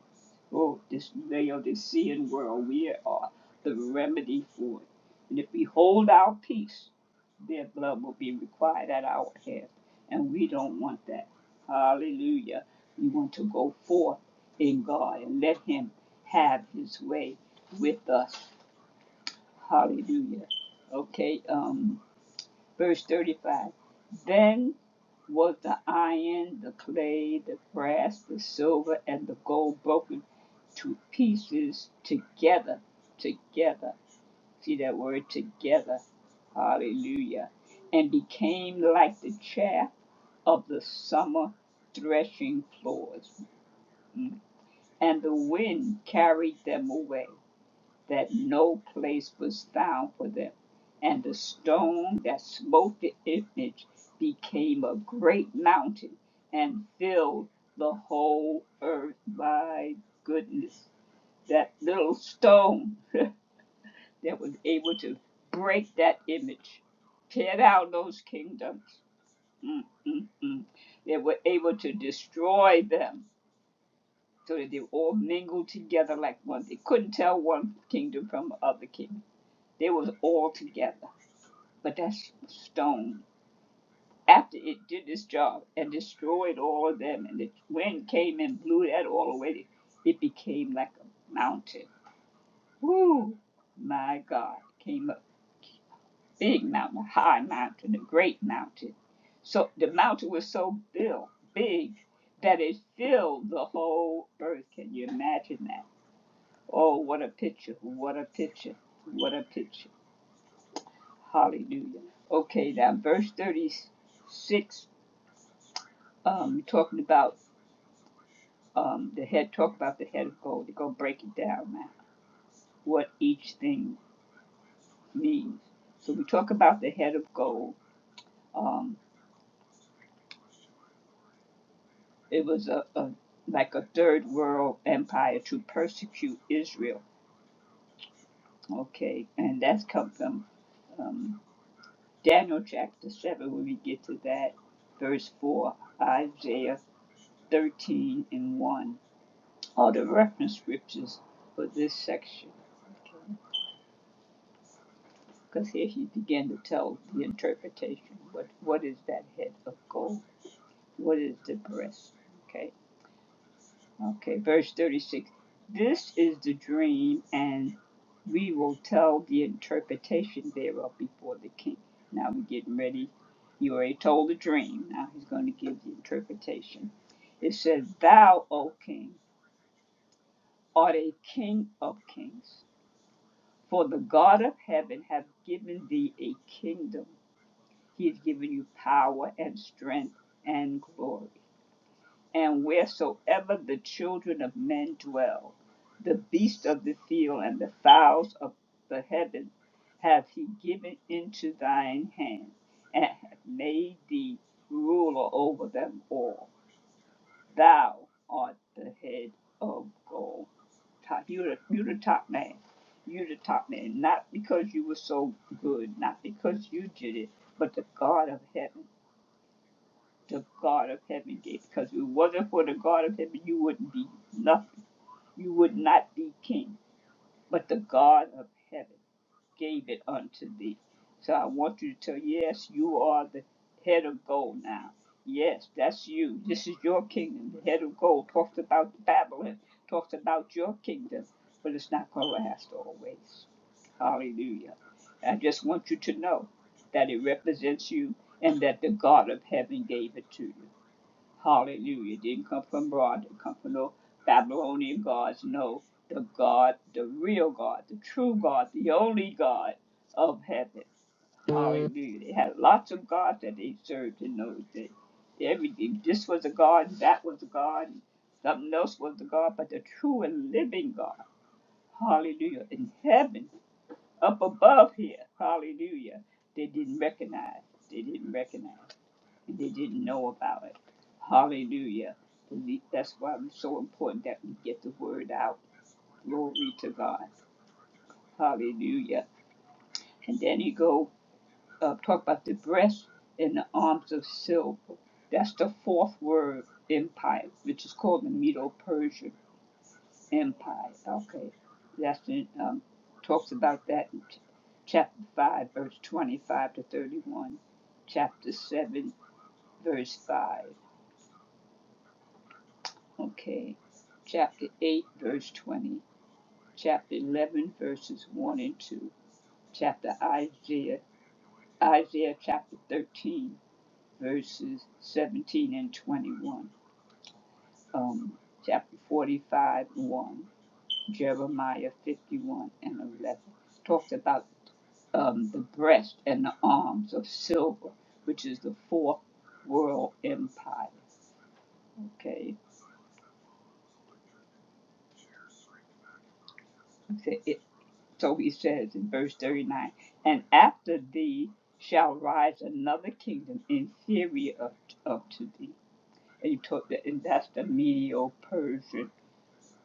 [SPEAKER 3] Oh, this Laodicean world, we are the remedy for it. And if we hold our peace, their blood will be required at our head. And we don't want that. Hallelujah. We want to go forth in God and let Him have His way with us. Hallelujah. Okay, um, verse 35. Then was the iron, the clay, the brass, the silver, and the gold broken to pieces together? Together. See that word together. Hallelujah. And became like the chaff of the summer threshing floors. Mm. And the wind carried them away that no place was found for them. And the stone that smote the image became a great mountain and filled the whole earth. My goodness, that little stone *laughs* that was able to break that image, tear down those kingdoms. Mm, mm, mm. They were able to destroy them so that they all mingled together like one. They couldn't tell one kingdom from the other kingdom they was all together. But that stone, after it did this job and destroyed all of them, and the wind came and blew that all away, it became like a mountain. Woo! My God, came a big mountain, a high mountain, a great mountain. So the mountain was so big that it filled the whole earth. Can you imagine that? Oh, what a picture! What a picture! What a picture! Hallelujah. Okay, now verse 36, um, talking about um, the head, talk about the head of gold. We are going to break it down now, what each thing means. So we talk about the head of gold. Um, it was a, a like a third world empire to persecute Israel. Okay, and that's come from um, Daniel chapter 7 when we get to that, verse 4, Isaiah 13 and 1. all the reference scriptures for this section. Because here he began to tell the interpretation. What what is that head of gold? What is the breast? Okay. Okay. Verse thirty six. This is the dream, and we will tell the interpretation thereof before the king. Now we're getting ready. You already told the dream. Now he's going to give the interpretation. It says, Thou, O king, art a king of kings. For the God of heaven hath given thee a kingdom. He has given you power and strength and glory. And wheresoever the children of men dwell, the beasts of the field and the fowls of the heaven hath he given into thine hand, and hath made thee ruler over them all. Thou art the head of gold. Top, you're the, you're the top man. You're the top man, not because you were so good, not because you did it, but the God of heaven, the God of heaven did. Because if it wasn't for the God of heaven, you wouldn't be nothing. You would not be king, but the God of heaven gave it unto thee. So I want you to tell, yes, you are the head of gold now. Yes, that's you. This is your kingdom. The head of gold talks about Babylon, talks about your kingdom, but it's not going to last always. Hallelujah. I just want you to know that it represents you and that the God of heaven gave it to you. Hallelujah. It didn't come from abroad, It didn't come from no Babylonian gods. No, the God, the real God, the true God, the only God of heaven. Hallelujah. They had lots of gods that they served in those days. Everything. This was a God, that was a God, and something else was a God, but the true and living God. Hallelujah. In heaven, up above here. Hallelujah. They didn't recognize. They didn't recognize. They didn't know about it. Hallelujah. And That's why it's so important that we get the word out. Glory to God. Hallelujah. And then he go uh, talk about the breast and the arms of silver. That's the fourth word empire, which is called the Medo-Persian Empire. Okay, that's in, um, talks about that in ch- chapter five, verse twenty-five to thirty-one. Chapter seven, verse five. Okay. Chapter 8, verse 20. Chapter 11, verses 1 and 2. Chapter Isaiah, Isaiah chapter 13, verses 17 and 21. Um, chapter 45, 1. Jeremiah 51 and 11. Talks about um, the breast and the arms of silver, which is the fourth world empire. Okay. So he says in verse 39 And after thee shall rise another kingdom inferior of, of to thee. And, he told that, and that's the Medo Persian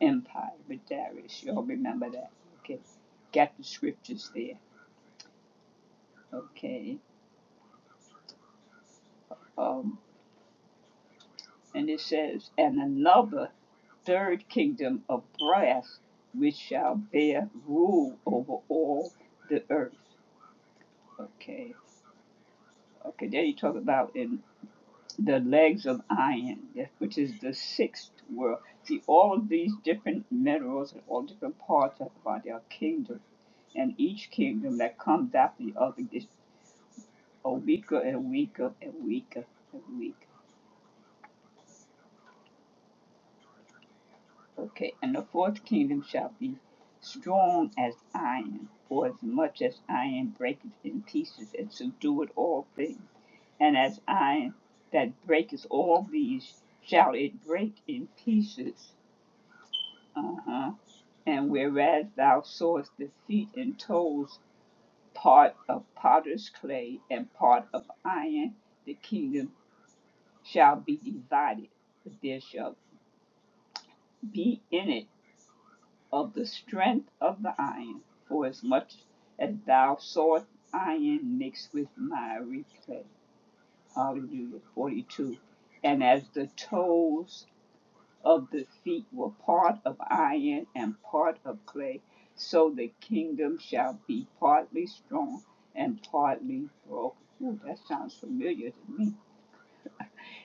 [SPEAKER 3] Empire with Darius. Y'all remember that? Okay. Got the scriptures there. Okay. Um, and it says, And another third kingdom of brass which shall bear rule over all the earth. Okay. Okay, there you talk about in the legs of iron, yes, which is the sixth world. See, all of these different minerals and all different parts of the body are kingdoms. And each kingdom that comes after the other gets weaker and weaker and weaker and weaker. Okay, and the fourth kingdom shall be strong as iron, for as much as iron breaketh in pieces and subdueth all things. And as iron that breaketh all these, shall it break in pieces. Uh huh. And whereas thou sawest the feet and toes part of potter's clay and part of iron, the kingdom shall be divided, but there shall be in it of the strength of the iron, for as much as thou sawest iron mixed with miry clay. Hallelujah. 42. And as the toes of the feet were part of iron and part of clay, so the kingdom shall be partly strong and partly broken. Ooh, that sounds familiar to me.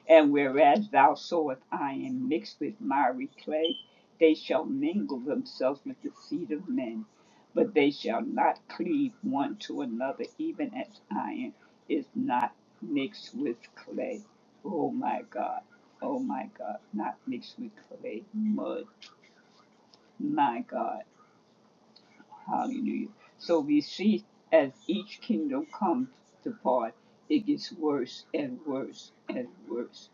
[SPEAKER 3] And whereas thou sowest iron mixed with miry clay, they shall mingle themselves with the seed of men, but they shall not cleave one to another, even as iron is not mixed with clay. Oh my God, oh my God, not mixed with clay, mud, my God. Hallelujah. So we see as each kingdom comes to part, it gets worse and worse and worse.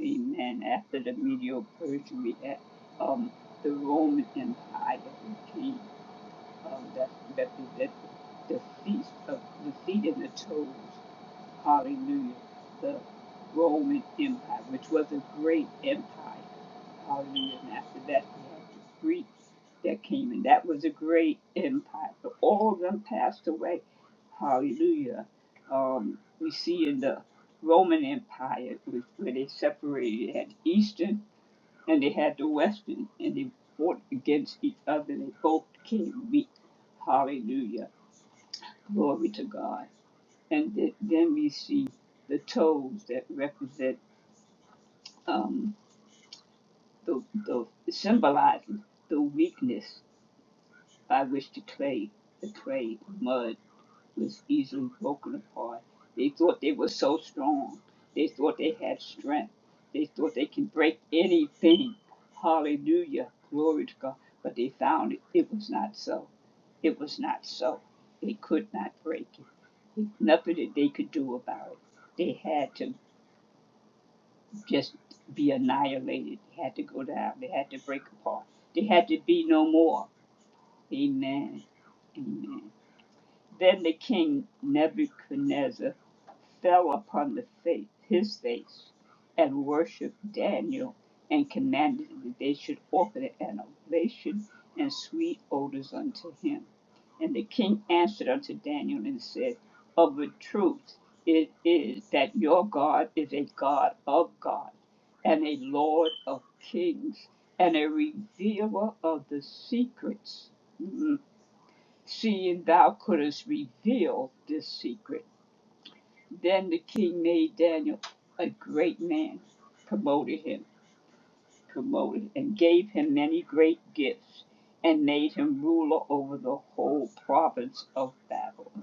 [SPEAKER 3] Amen. After the Medio Persian, we had um, the Roman Empire who came. Um, that represented the feet of the feet and the toes. Hallelujah. The Roman Empire, which was a great empire. Hallelujah. And after that, we had the Greeks that came, and that was a great empire. But all of them passed away. Hallelujah. Um, we see in the Roman Empire with- where they separated, they had Eastern and they had the Western, and they fought against each other. They both became weak. Hallelujah. Glory to God and th- then we see the toes that represent um, the, the symbolizing the weakness by which the clay, the clay mud was easily broken apart. They thought they were so strong. They thought they had strength. They thought they could break anything. Hallelujah, glory to God. But they found it, it was not so. It was not so. They could not break it. Nothing that they could do about it. They had to just be annihilated, They had to go down, they had to break apart, they had to be no more. Amen. Amen. Then the king Nebuchadnezzar fell upon the face, his face, and worshipped Daniel, and commanded that they should offer an oblation and sweet odors unto him. And the king answered unto Daniel and said, Of a truth it is that your God is a God of gods, and a Lord of kings, and a revealer of the secrets. Mm, Seeing thou couldst reveal this secret. Then the king made Daniel a great man, promoted him, promoted, and gave him many great gifts, and made him ruler over the whole province of Babylon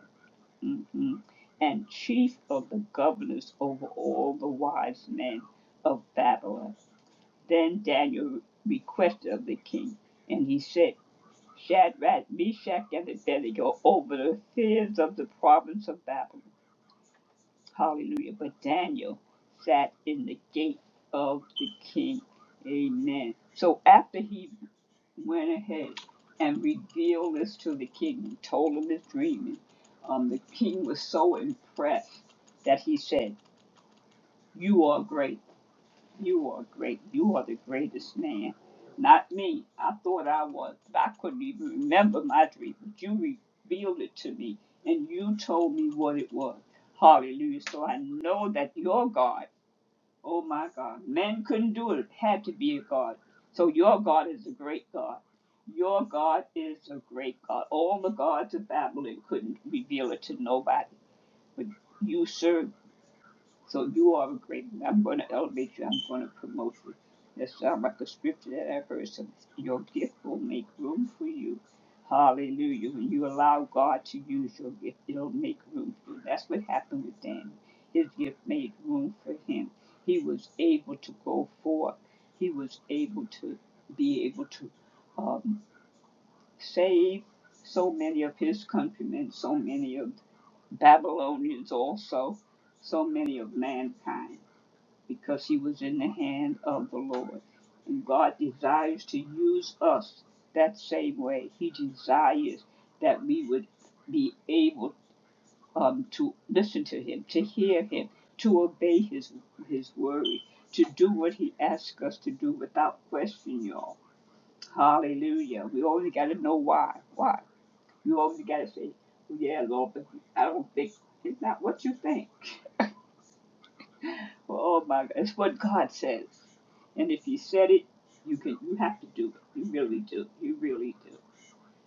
[SPEAKER 3] mhm, and chief of the governors over all the wise men of Babylon. Then Daniel requested of the king, and he said, Shadrach, Meshach, and Abednego over the fears of the province of Babylon. Hallelujah. But Daniel sat in the gate of the king. Amen. So after he went ahead and revealed this to the king. He told him his dream. Um, the king was so impressed that he said, "You are great. You are great. You are the greatest man." Not me. I thought I was. I couldn't even remember my dream. But you revealed it to me, and you told me what it was. Hallelujah. So I know that your God. Oh my God. Men couldn't do it. It had to be a God. So your God is a great God. Your God is a great God. All the gods of Babylon couldn't reveal it to nobody. But you serve so you are a great. and I'm going to elevate you. I'm going to promote you. That sounds like a scripture that I've heard. So your gift will make room for you. Hallelujah. When you allow God to use your gift, it'll make room for you. That's what happened with Daniel. His gift made room for him. He was able to go forth. He was able to be able to um, save so many of his countrymen, so many of Babylonians also, so many of mankind because he was in the hand of the Lord. And God desires to use us that same way. He desires that we would be able um, to listen to Him, to hear Him, to obey His His word, to do what He asks us to do without question, y'all. Hallelujah. We only got to know why. Why? You only got to say, "Yeah, Lord, but I don't think it's not what you think." Oh my God, it's what God says, and if He said it, you can. You have to do it. You really do. You really do.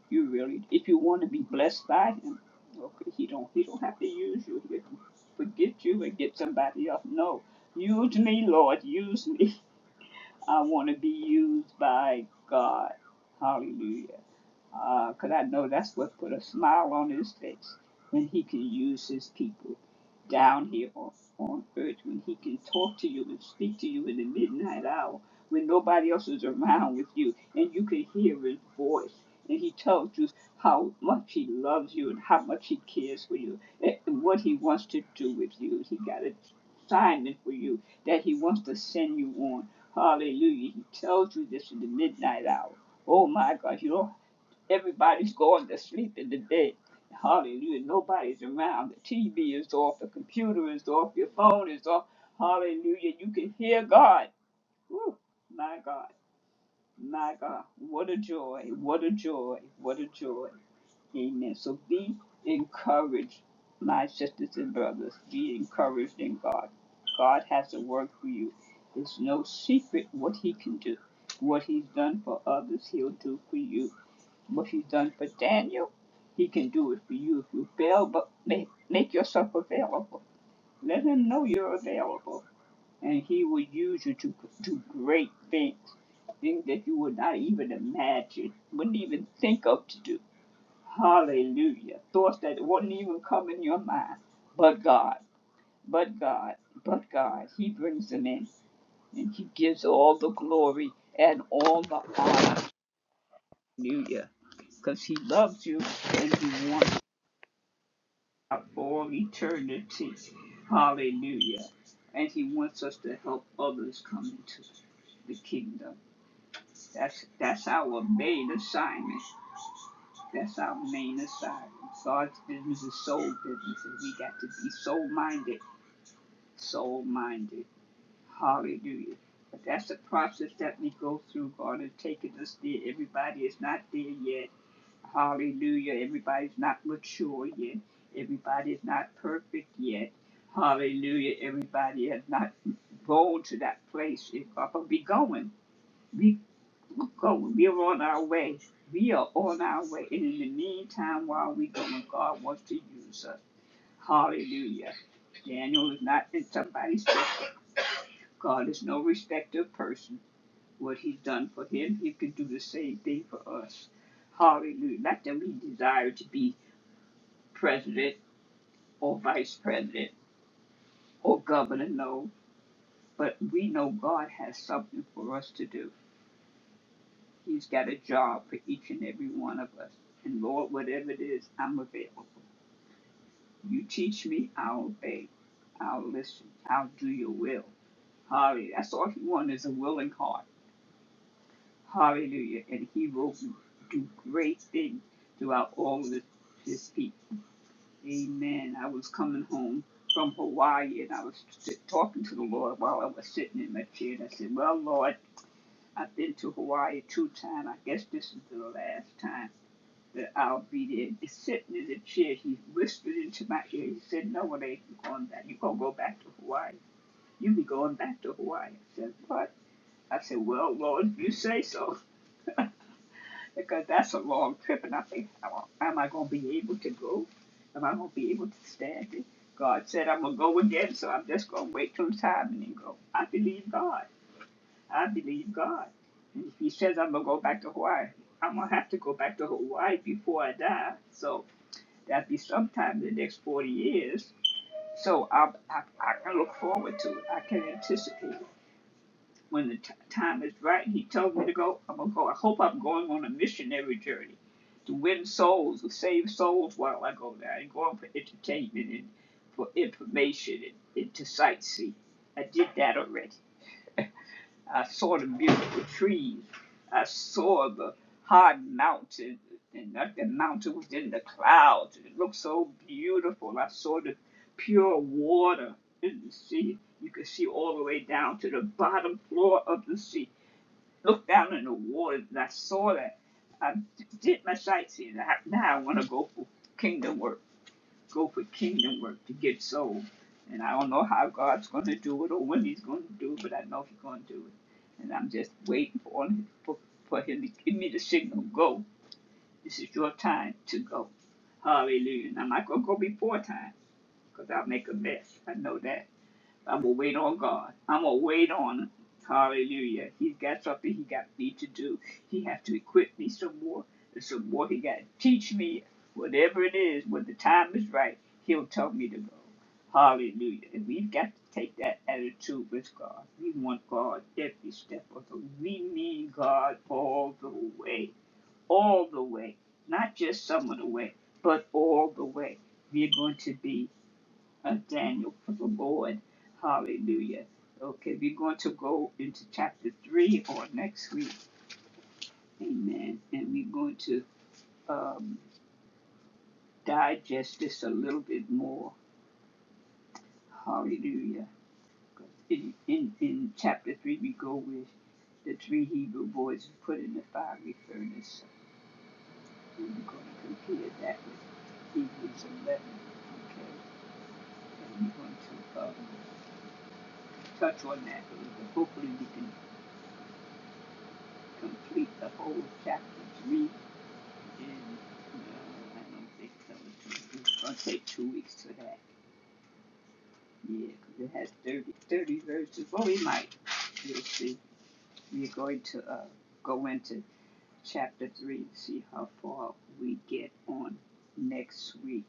[SPEAKER 3] You really. Do. If you want to be blessed by Him, okay, He don't. He don't have to use you. He can forget you and get somebody else. No, use me, Lord. Use me. I want to be used by God. Hallelujah. Uh, 'cause I know that's what put a smile on his face when he can use his people down here on, on earth, when he can talk to you and speak to you in the midnight hour when nobody else is around with you and you can hear his voice. And he tells you how much he loves you and how much he cares for you and what he wants to do with you. He got a assignment for you that he wants to send you on. Hallelujah. He tells you this in the midnight hour. Oh my God, you don't Everybody's going to sleep in the dead. Hallelujah. Nobody's around. The TV is off. The computer is off. Your phone is off. Hallelujah. You can hear God. Woo. My God. My God. What a joy. What a joy. What a joy. Amen. So be encouraged, my sisters and brothers. Be encouraged in God. God has a work for you. It's no secret what He can do. What He's done for others, He'll do for you. What he's done for Daniel, he can do it for you if you fail, but make, make yourself available. Let him know you're available, and he will use you to do great things, things that you would not even imagine, wouldn't even think of to do. Hallelujah. Thoughts that wouldn't even come in your mind. But God, but God, but God, he brings them in, and he gives all the glory and all the honor. Hallelujah. Because he loves you and he wants you out for all eternity. Hallelujah. And he wants us to help others come into the kingdom. That's that's our main assignment. That's our main assignment. God's business is soul business, and we got to be soul minded. Soul minded. Hallelujah. But that's the process that we go through. God is taking us there. Everybody is not there yet Hallelujah. Everybody's not mature yet. Everybody's not perfect yet. Hallelujah. Everybody has not gone to that place. If Papa be going, we We're going. We are on our way. We are on our way. And in the meantime, while we are going, God wants to use us. Hallelujah. Daniel is not in somebody's step. God is no respecter of person. What he's done for him, he can do the same thing for us. Hallelujah. Not that we desire to be president or vice president or governor know, but we know God has something for us to do. He's got a job for each and every one of us. And Lord, whatever it is, I'm available. You teach me, I'll obey. I'll listen. I'll do your will. Hallelujah. That's all he wants is a willing heart. Hallelujah. And he will do great things throughout all of his people. Amen. I was coming home from Hawaii and I was sit- talking to the Lord while I was sitting in my chair. And I said, Well, Lord, I've been to Hawaii two times. I guess this is the last time that I'll be there. And sitting in the chair, he whispered into my ear. He said, No, it ain't you going back. You're going to go back to Hawaii. You be going back to Hawaii. I said, What? I said, Well, Lord, if you say so. *laughs* because that's a long trip, and I think, how am I going to be able to go? Am I going to be able to stand it? God said I'm going to go again, so I'm just going to wait till it's time and then go. I believe God. I believe God. And if He says I'm going to go back to Hawaii, I'm going to have to go back to Hawaii before I die. So that'd be sometime in the next 40 years. So I, I, I can look forward to it. I can anticipate it when the t- time is right. He told me to go. I'm gonna go. I hope I'm going on a missionary journey to win souls, to save souls while I go there, i and going for entertainment and for information and, and to sightsee. I did that already. I saw the beautiful trees. I saw the hard mountain, and that the mountain was in the clouds. It looked so beautiful. I saw the pure water in the sea. You could see all the way down to the bottom floor of the sea looked down in the waters and I saw that. I did my sightseeing. I, now I want to go for kingdom work, go for kingdom work to get souls. And I don't know how God's going to do it or when He's going to do it, but I know He's going to do it. And I'm just waiting for, Him for, for Him to give me the signal go. This is your time to go. Hallelujah. And I'm not going to go before time because I'll make a mess. I know that. I'm gonna wait on God. I'm gonna wait on him. Hallelujah. He's got something he got me to do. He has to equip me some more and some more. He got to teach me whatever it is. When the time is right, he'll tell me to go. Hallelujah. And we've got to take that attitude with God. We want God every step of the way. We need God all the way. All the way. Not just some of the way, but all the way. We're going to be uh, Daniel, for the Lord. Hallelujah. Okay, we're going to go into chapter 3 or next week. Amen. And we're going to um, digest this a little bit more. Hallelujah. In, in, in chapter 3, we go with the three Hebrew boys put in the fiery furnace. And we're going to compare that with Hebrews 11. Okay. And we're going to um, touch on that a little bit. Hopefully, we can complete the whole chapter three in, no, I don't think so. It's gonna take two weeks for that. Yeah, 'cause it has 30 30 verses. Well, we might. We'll see. We're going to uh, go into chapter three and see how far we get on next week.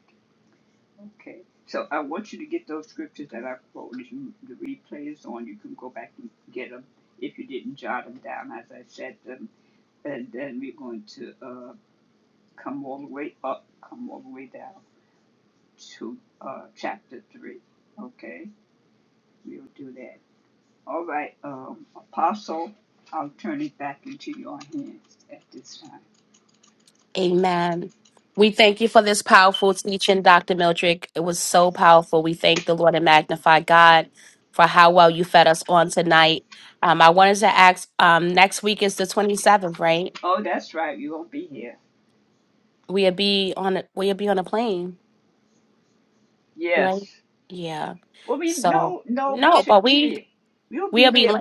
[SPEAKER 3] Okay. So I want you to get those scriptures that I quoted. You, the replay is on. You can go back and get them if you didn't jot them down as I said them. And then we're going to. uh, come all the way up, come all the way down to uh, chapter 3. Okay, we'll do that. All right, um, Apostle, I'll turn it back into your hands at this time.
[SPEAKER 1] Amen. We thank you for this powerful teaching, Dr. Mildred. It was so powerful. We thank the Lord and magnify God for how well you fed us on tonight. Um, I wanted to ask. Um, next week is the twenty seventh, right?
[SPEAKER 3] Oh, that's right, you won't be here.
[SPEAKER 1] We'll be on. A, we'll be on a plane, right?
[SPEAKER 3] Yes.
[SPEAKER 1] Yeah.
[SPEAKER 3] Well, we
[SPEAKER 1] So
[SPEAKER 3] no, no, we
[SPEAKER 1] no, but
[SPEAKER 3] should be
[SPEAKER 1] we
[SPEAKER 3] there. We'll be
[SPEAKER 1] we'll be.
[SPEAKER 3] there.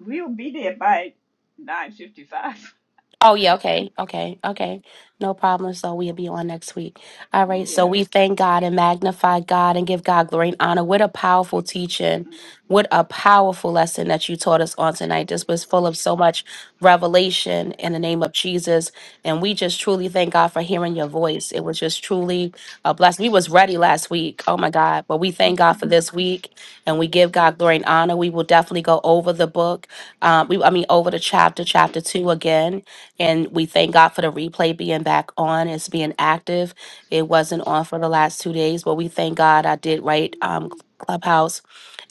[SPEAKER 3] We'll be there by nine fifty-five. *laughs*
[SPEAKER 1] Oh yeah, okay, okay, okay. No problem. So we'll be on next week. All right. So
[SPEAKER 3] Yes.
[SPEAKER 1] we thank God and magnify God and give God glory and honor. What a powerful teaching.
[SPEAKER 3] Mm,
[SPEAKER 1] What a powerful lesson that you taught us on tonight. This was full of so much revelation in the name of Jesus. And we just truly thank God for hearing your voice. It was just truly a blessing. We was ready last week. Oh my God. But we thank God for this week and we
[SPEAKER 3] yes.
[SPEAKER 1] give God glory and honor. We will definitely go over the book. Um, we I mean over the chapter, chapter two again and we thank God for the replay being back on. It's being active. It wasn't on for the last two days, but we thank God I did write um,
[SPEAKER 3] hmm
[SPEAKER 1] Clubhouse.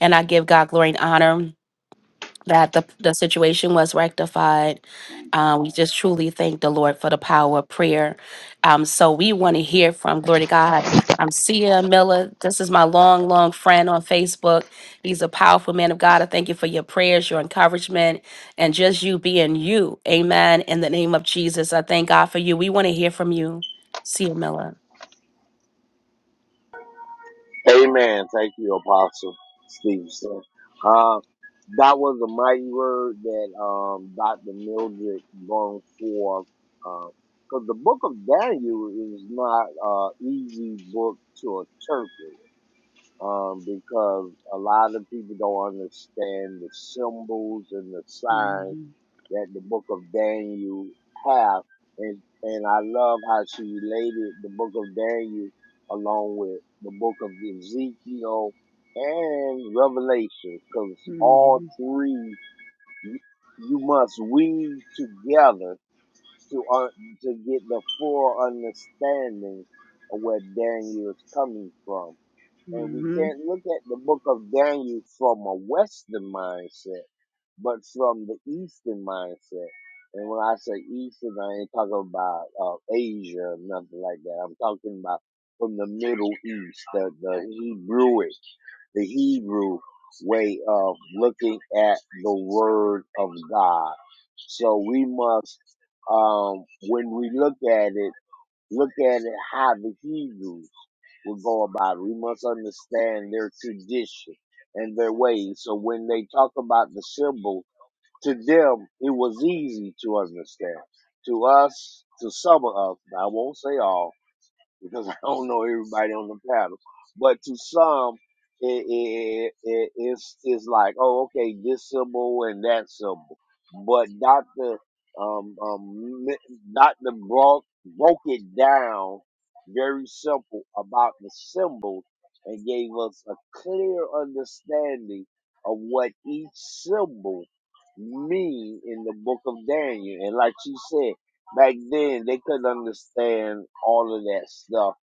[SPEAKER 1] And I give God glory and honor that the, the situation was rectified.
[SPEAKER 3] Thank
[SPEAKER 1] Uh, we
[SPEAKER 3] God.
[SPEAKER 1] just truly thank the Lord for the power of prayer. Um, so we want to hear from glory to God. I'm Sia Miller. This is my long, long friend on Facebook. He's a powerful man of God. I thank you for your prayers, your encouragement, and just you being you. Amen. In the name of Jesus, I thank God for you. We want to hear from you, Sia Miller.
[SPEAKER 4] Amen. Thank you, Apostle Stevenson. Uh, that was a mighty word that um, Dr. Mildred brought forth. Because the book of Daniel is not an easy book to interpret um, because a lot of people don't understand the symbols and the signs
[SPEAKER 3] hmm
[SPEAKER 4] that the book of Daniel have. And, and I love how she related the book of Daniel along with the book of Ezekiel and Revelation, because all
[SPEAKER 3] hmm
[SPEAKER 4] three you must weave together to uh, to get the full understanding of where Daniel is coming from. And we can't look at the book of Daniel from a Western mindset but from the Eastern mindset. And when I say Eastern, I ain't talking about uh, Asia or nothing like that. I'm talking about from the Middle East, the, the Hebrewic, the Hebrew way of looking at the Word of God. So we must, um, when we look at it, look at it how the Hebrews would go about it. We must understand their tradition and their ways. So when they talk about the symbols, to them, it was easy to understand. To us, to some of us, I won't say all, because *laughs* I don't know everybody on the panel. But to some, it, it, it, it's, it's like, oh, okay, this symbol and that symbol. But Dr. Um, um, Dr. Broke, broke it down very simple about the symbols and gave us a clear understanding of what each symbol mean in the book of Daniel. And like she said, back then they couldn't understand all of that stuff.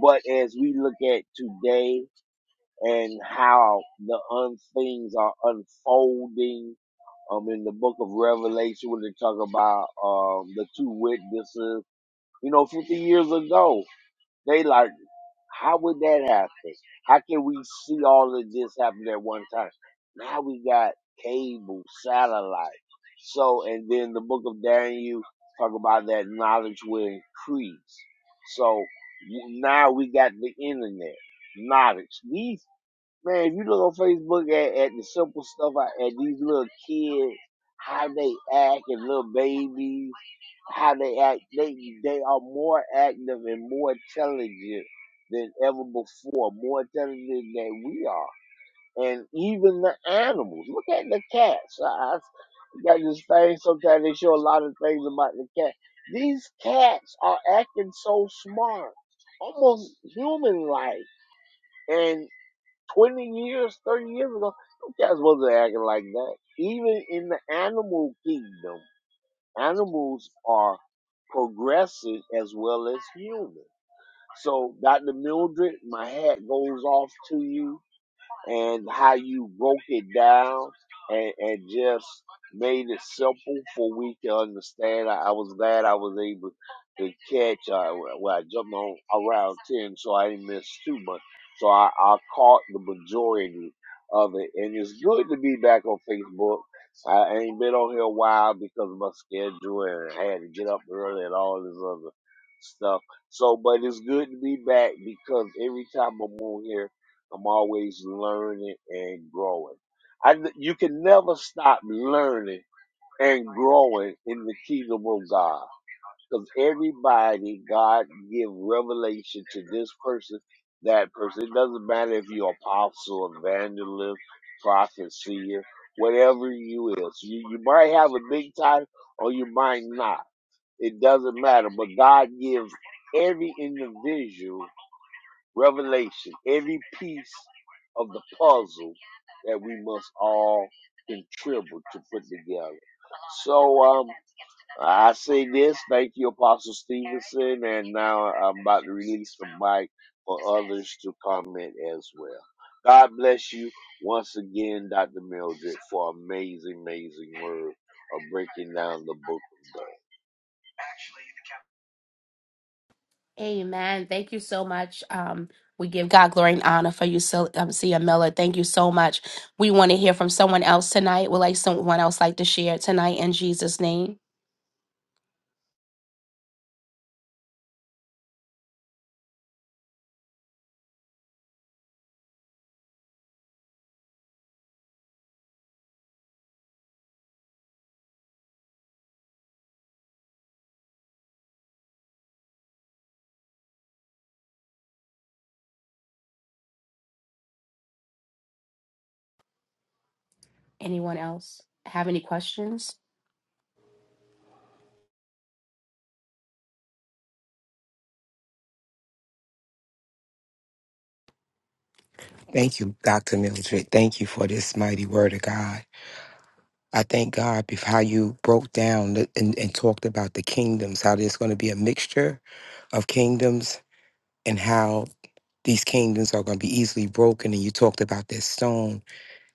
[SPEAKER 4] But as we look at today and how the un- things are unfolding, um, in the book of Revelation when they talk about um the two witnesses, you know, fifty years ago, they like. How would that happen? How can we see all of this happen at one time? Now we got cable, satellite. So, and then the book of Daniel talk about that knowledge will increase. So w- now we got the internet, knowledge. These, man, if you look on Facebook at, at the simple stuff, I- at these little kids, how they act and little babies how they act. They they are more active and more intelligent than ever before. More intelligent than we are, and even the animals. Look at the cats. I, I got this thing. Sometimes they show a lot of things about the cat. These cats are acting so smart, almost human-like. And twenty years, thirty years ago, those cats wasn't acting like that. Even in the animal kingdom Animals are progressive as well as human. So, Dr. Mildred, my hat goes off to you and how you broke it down and, and just made it simple for we to understand. I, I was glad I was able to catch. Uh, well, I jumped on around ten, so I didn't miss too much. So I, I caught the majority of it, and it's good to be back on Facebook. I ain't been on here a while because of my schedule, and I had to get up early and all this other stuff. So, but it's good to be back because every time I'm on here. I'm always learning and growing. I, you can never stop learning and growing in the kingdom of God. Because everybody, God give revelation to this person, that person. It doesn't matter if you're apostle, evangelist, prophet, seer, whatever you is. You, you might have a big title or you might not. It doesn't matter. But God gives every individual revelation, every piece of the puzzle that we must all contribute to put together. So um, I say this. Thank you, Apostle Stevenson, and now I'm about to release the mic for others to comment as well. God bless you once again, Dr. Mildred, for amazing, amazing word of breaking down the book of Daniel.
[SPEAKER 1] Amen. Thank you so much. Um, we give God glory and honor for you, Sil- um, Sia Miller. Thank you so much. We want to hear from someone else tonight. Would like someone else like to share tonight in Jesus' name? Anyone else have any questions?
[SPEAKER 5] Thank you, Dr. Mildred. Thank you for this mighty word of God. I thank God for how you broke down the- and, and talked about the kingdoms, how there's going to be a mixture of kingdoms and how these kingdoms are going to be easily broken. And you talked about that stone.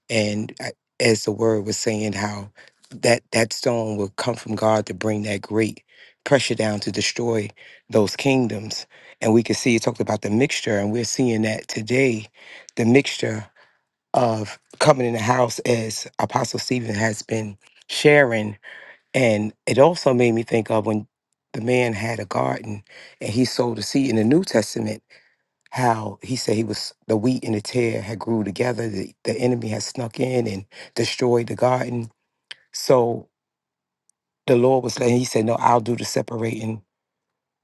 [SPEAKER 5] And uh, as the word was saying, how that, that stone will come from God to bring that great pressure down to destroy those kingdoms. And we can see you talked about the mixture, and we're seeing that today, the mixture of coming in the house as Apostle Stephen has been sharing. And it also made me think of when the man had a garden and he sowed a seed in the New Testament, how he said he was the wheat and the tear had grew together, the, the enemy had snuck in and destroyed the garden. So the Lord was letting he said, No, I'll do the separating.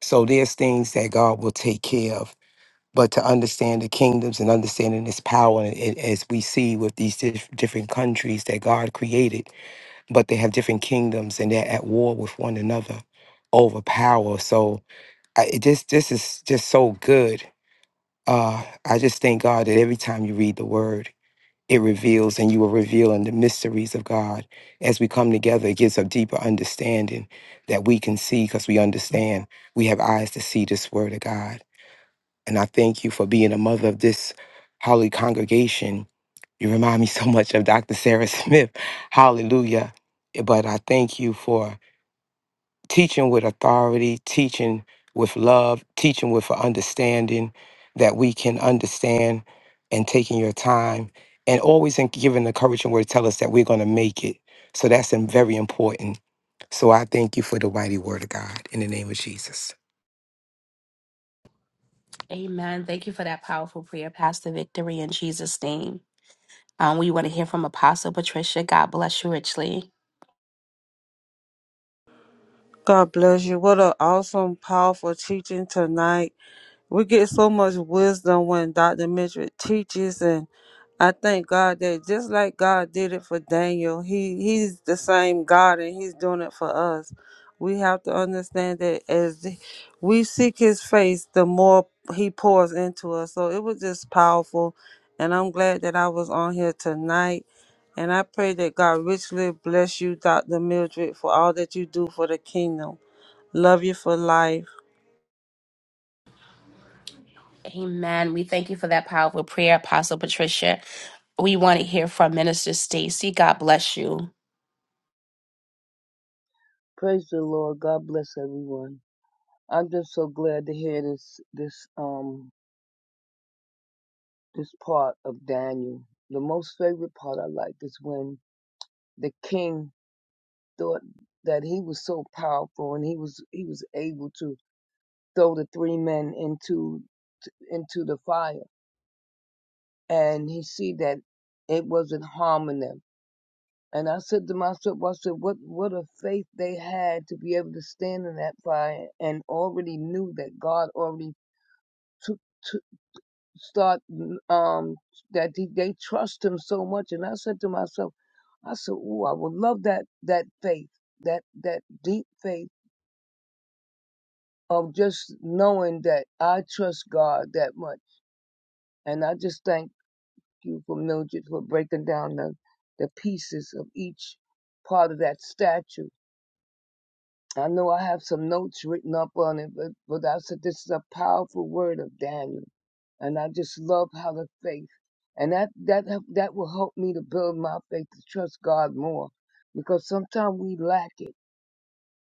[SPEAKER 5] So there's things that God will take care of but to understand the kingdoms and understanding its power, and it, as we see with these dif- different countries that God created, but they have different kingdoms and they're at war with one another over power. So I, it just this is just so good. Uh, I just thank God that every time you read the Word, it reveals and you are revealing the mysteries of God. As we come together, it gives a deeper understanding that we can see because we understand. We have eyes to see this Word of God. And I thank you for being a mother of this holy congregation. You remind me so much of Dr. Sarah Smith. *laughs* Hallelujah. But I thank you for teaching with authority, teaching with love, teaching with understanding that we can understand and taking your time and always in giving the encouraging word to tell us that we're going to make it. So that's um, very important. So I thank you for the mighty word of God in the name of Jesus.
[SPEAKER 1] Amen. Thank you for that powerful prayer, Pastor Victory, in Jesus' name. Um, we want to hear from Apostle Patricia. God bless you richly.
[SPEAKER 2] God bless you. What an awesome, powerful teaching tonight. We get so much wisdom when Dr. Mitchell teaches and I thank God that just like God did it for Daniel, he he's the same God and he's doing it for us. We have to understand that as we seek his face, the more he pours into us. So it was just powerful and I'm glad that I was on here tonight. And I pray that God richly bless you, Dr. Mildred, for all that you do for the kingdom. Love you for life.
[SPEAKER 1] Amen. We thank you for that powerful prayer, Apostle Patricia. We want to hear from Minister Stacy. God bless you.
[SPEAKER 6] Praise the Lord. God bless everyone. I'm just so glad to hear this this um this part of Daniel. The most favorite part I like is when the king thought that he was so powerful and he was he was able to throw the three men into into the fire and he see that it wasn't harming them. And I said to myself, I said, what what a faith they had to be able to stand in that fire and already knew that God already took. start um that they, they trust him so much and i said to myself i said oh i would love that that faith that that deep faith of just knowing that i trust god that much and i just thank you for mildred for breaking down the the pieces of each part of that statue I know I have some notes written up on it, but, but I said this is a powerful word of Daniel. And I just love how the faith, and that, that, that will help me to build my faith to trust God more because sometimes we lack it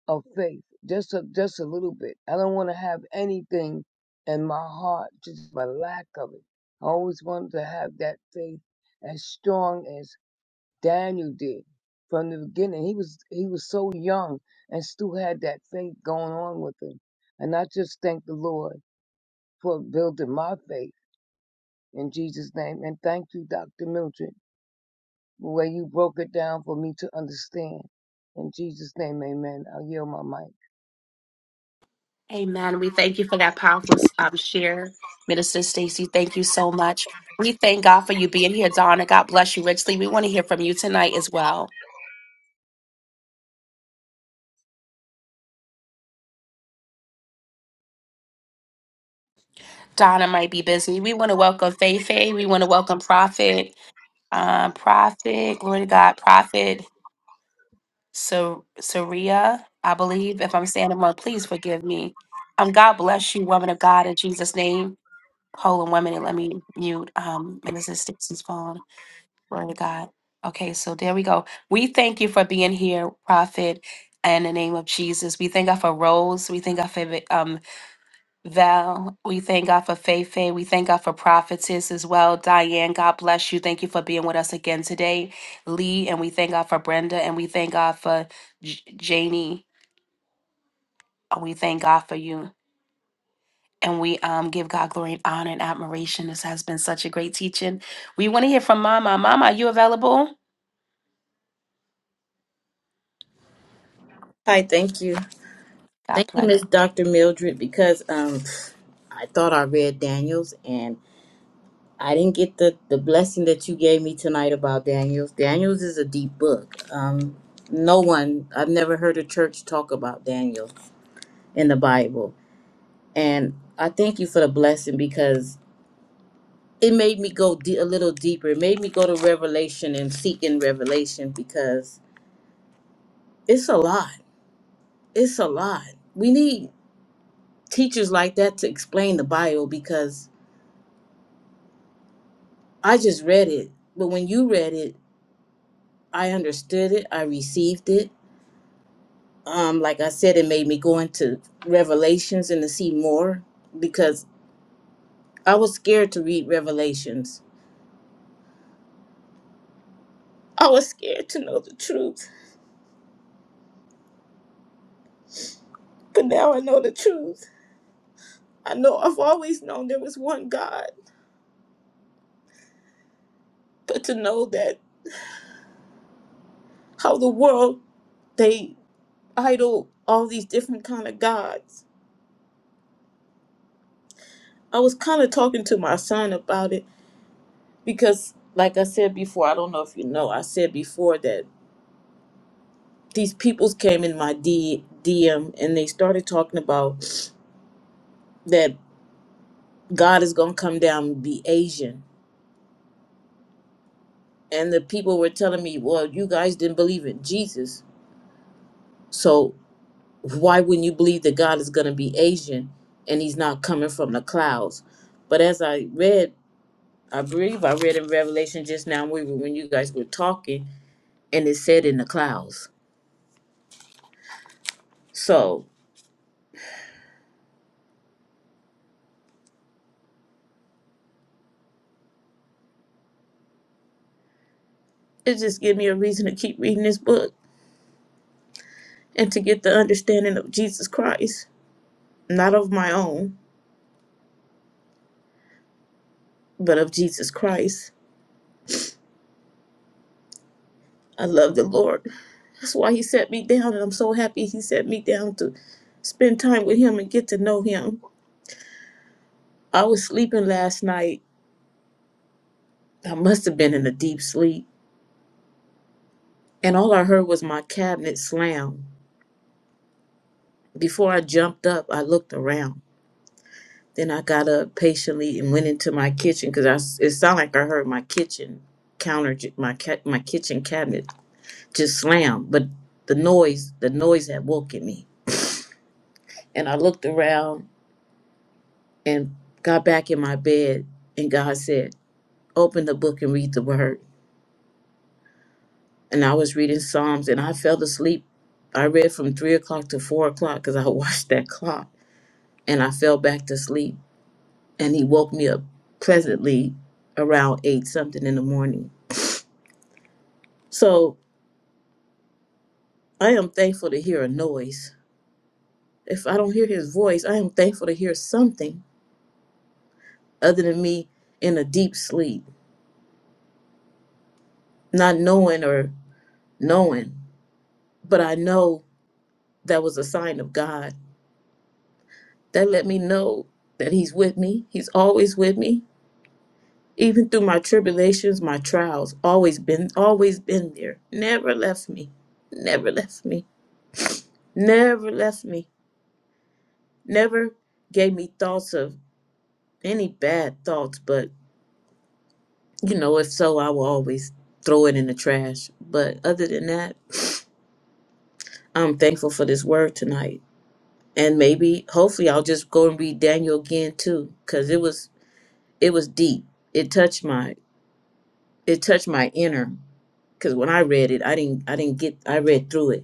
[SPEAKER 6] of faith just a, just a little bit. I don't want to have anything in my heart, just my lack of it. I always wanted to have that faith as strong as. Daniel did from the beginning. He was he was so young and still had that faith going on with him. And I just thank the Lord for building my faith in Jesus' name. And thank you, Dr. Mildred, the way you broke it down for me to understand. In Jesus' name, amen. I'll yield my mic.
[SPEAKER 1] Amen. We thank you for that powerful um, share, Minister Stacy. Thank you so much. We thank God for you being here, Donna. God bless you richly. We want to hear from you tonight as well. Donna might be busy. We want to welcome Faye Faye. We want to welcome Prophet, um, Prophet, glory to God, Prophet Sur- Saria, I believe. If I'm saying it wrong, please forgive me. Um, God bless you, woman of God, in Jesus' name. Hold on one minute. Let me mute um, Minister Stixon's phone. Glory to God. Okay, so there we go. We thank you for being here, Prophet, in the name of Jesus. We thank God for Rose. We thank God for um, Val, we thank God for Faith. We thank God for prophetess as well. Diane, God bless you. Thank you for being with us again today. Lee, and we thank God for Brenda, and we thank God for J- Janie. And We thank God for you. And we um, give God glory and honor and admiration. This has been such a great teaching. We want to hear from Mama. Mama, are you available?
[SPEAKER 7] Hi, thank you.
[SPEAKER 1] God
[SPEAKER 7] Thank you,
[SPEAKER 1] bless.
[SPEAKER 7] Miss Dr. Mildred, because um I thought I read Daniels and I didn't get the, the blessing that you gave me tonight about Daniels. Daniels is a deep book. Um no one I've never heard a church talk about Daniel in the Bible. And I thank you for the blessing because it made me go de- a little deeper. It made me go to Revelation and seek in Revelation because it's a lot. It's a lot. We need teachers like that to explain the Bible because I just read it. But when you read it, I understood it. I received it. Um, like I said, it made me go into Revelations and to see more because I was scared to read Revelations. I was scared to know the truth, but now I know the truth. I know I've always known there was one God, but to know that how the world they idol all these different kind of gods. I was kind of talking to my son about it because like i said before i don't know if you know i said before that these peoples came in my D- dm and they started talking about that god is going to come down and be asian and the people were telling me well you guys didn't believe in jesus so why wouldn't you believe that god is going to be asian and he's not coming from the clouds but as i read i believe i read in revelation just now we were, when you guys were talking and it said in the clouds so It just gives me a reason to keep reading this book and to get the understanding of Jesus Christ, not of my own, but of Jesus Christ. I love the Lord. That's why He set me down, and I'm so happy He set me down to spend time with Him and get to know Him. I was sleeping last night. I must have been in a deep sleep, and all I heard was my cabinet slam. Before I jumped up, I looked around. Then I got up patiently and went into my kitchen because I s- it sounded like I heard my kitchen counter, j- my ca- my kitchen cabinet just slam. But the noise, the noise had woken me, and I looked around and got back in my bed, and God said, "Open the book and read the word." And I was reading Psalms, and I fell asleep. I read from three o'clock to four o'clock because I *laughs* watched that clock, and I fell back to sleep. And He woke me up pleasantly around eight something in the morning So I am thankful to hear a noise. If I don't hear his voice, I am thankful to hear something other than me in a deep sleep, not knowing or knowing. But I know that was a sign of God. That let me know that he's with me. He's always with me. Even through my tribulations, my trials, always been always been there. Never left me. Never left me. Never left me. Never gave me thoughts of any bad thoughts, but you know, if so, I will always throw it in the trash. But other than that, I'm thankful for this word tonight. And maybe, hopefully, I'll just go and read Daniel again too, because it was it was deep. It touched my it touched my inner. Because when I read it, I didn't I didn't get I read through it.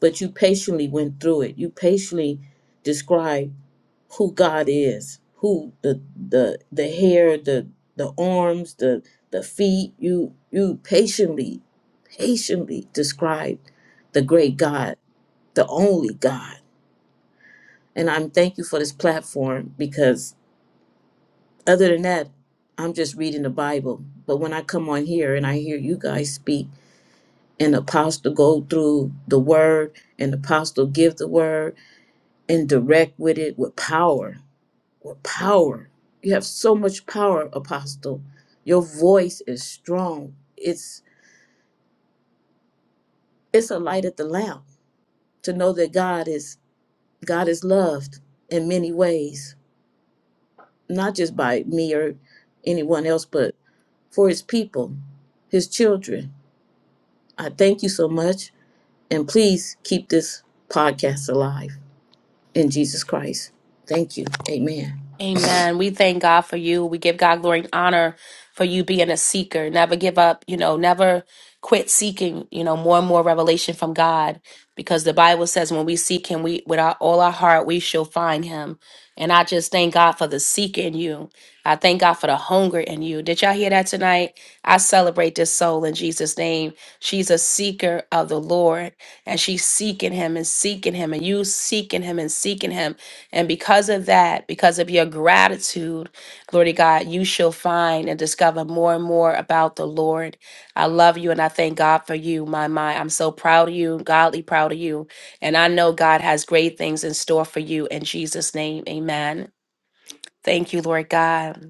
[SPEAKER 7] but you patiently went through it. You patiently described who God is, who the the the hair, the the arms, the the feet. You you patiently, patiently described the great God, the only God. And I'm thank you for this platform because other than that, I'm just reading the Bible. But when I come on here and I hear you guys speak and the apostle go through the word and the apostle give the word and direct with it with power with power you have so much power apostle your voice is strong it's it's a light at the lamp to know that god is god is loved in many ways not just by me or anyone else but for his people his children i thank you so much and please keep this podcast alive in jesus christ thank you amen
[SPEAKER 1] Amen. We thank God for you. We give God glory and honor for you being a seeker. Never give up, you know, never quit seeking, you know, more and more revelation from God because the Bible says when we seek him we with our, all our heart we shall find him. And I just thank God for the seeker in you. I thank God for the hunger in you. Did y'all hear that tonight? I celebrate this soul in Jesus name. She's a seeker of the Lord and she's seeking him and seeking him and you seeking him and seeking him. And because of that, because of your gratitude, glory to God, you shall find and discover more and more about the Lord. I love you and I thank God for you, my my. I'm so proud of you, godly proud of you. And I know God has great things in store for you in Jesus' name. Amen. Thank you, Lord God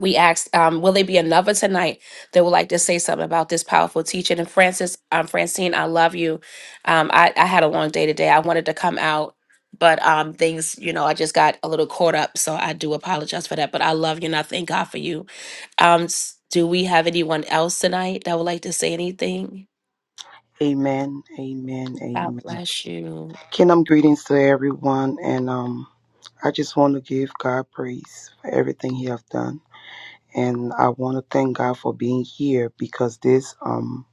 [SPEAKER 1] we asked, um, will there be another tonight that would like to say something about this powerful teaching? And Francis, um, Francine, I love you. Um, I, I had a long day today. I wanted to come out, but um, things, you know, I just got a little caught up. So I do apologize for that. But I love you and I thank God for you. Um, s- do we have anyone else tonight that would like to say anything?
[SPEAKER 8] Amen. Amen.
[SPEAKER 1] God
[SPEAKER 8] Amen.
[SPEAKER 1] bless you.
[SPEAKER 8] Kingdom greetings to everyone, and um, I just want to give God praise for everything He have done, and I want to thank God for being here because this um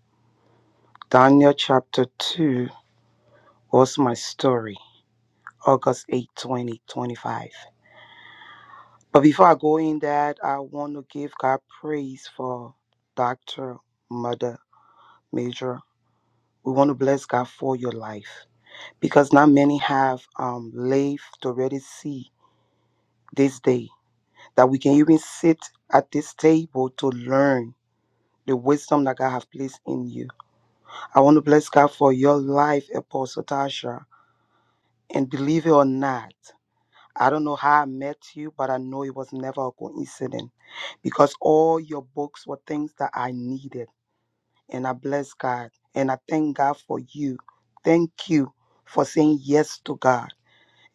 [SPEAKER 8] Daniel chapter two was my story, August 8, 2025. But before I go in that, I want to give God praise for Doctor Mother Major. We want to bless God for your life because not many have um lived to already see this day that we can even sit at this table to learn the wisdom that God has placed in you. I want to bless God for your life, Apostle Tasha. And believe it or not, I don't know how I met you, but I know it was never a coincidence because all your books were things that I needed. And I bless God and I thank God for you. Thank you for saying yes to God.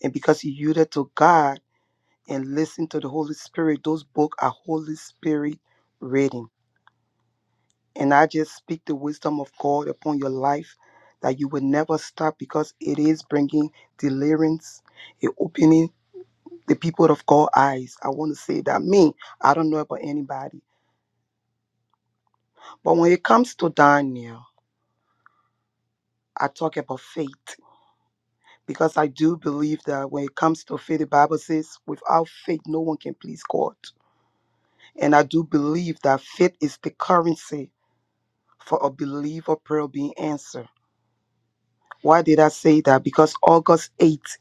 [SPEAKER 8] And because you yielded to God, and listen to the Holy Spirit. Those books are Holy Spirit reading. And I just speak the wisdom of God upon your life that you will never stop because it is bringing deliverance, it opening the people of God eyes. I want to say that me, I don't know about anybody. But when it comes to Daniel, I talk about faith because I do believe that when it comes to faith, the Bible says, without faith, no one can please God. And I do believe that faith is the currency for a believer prayer being answered. Why did I say that? Because August 8th,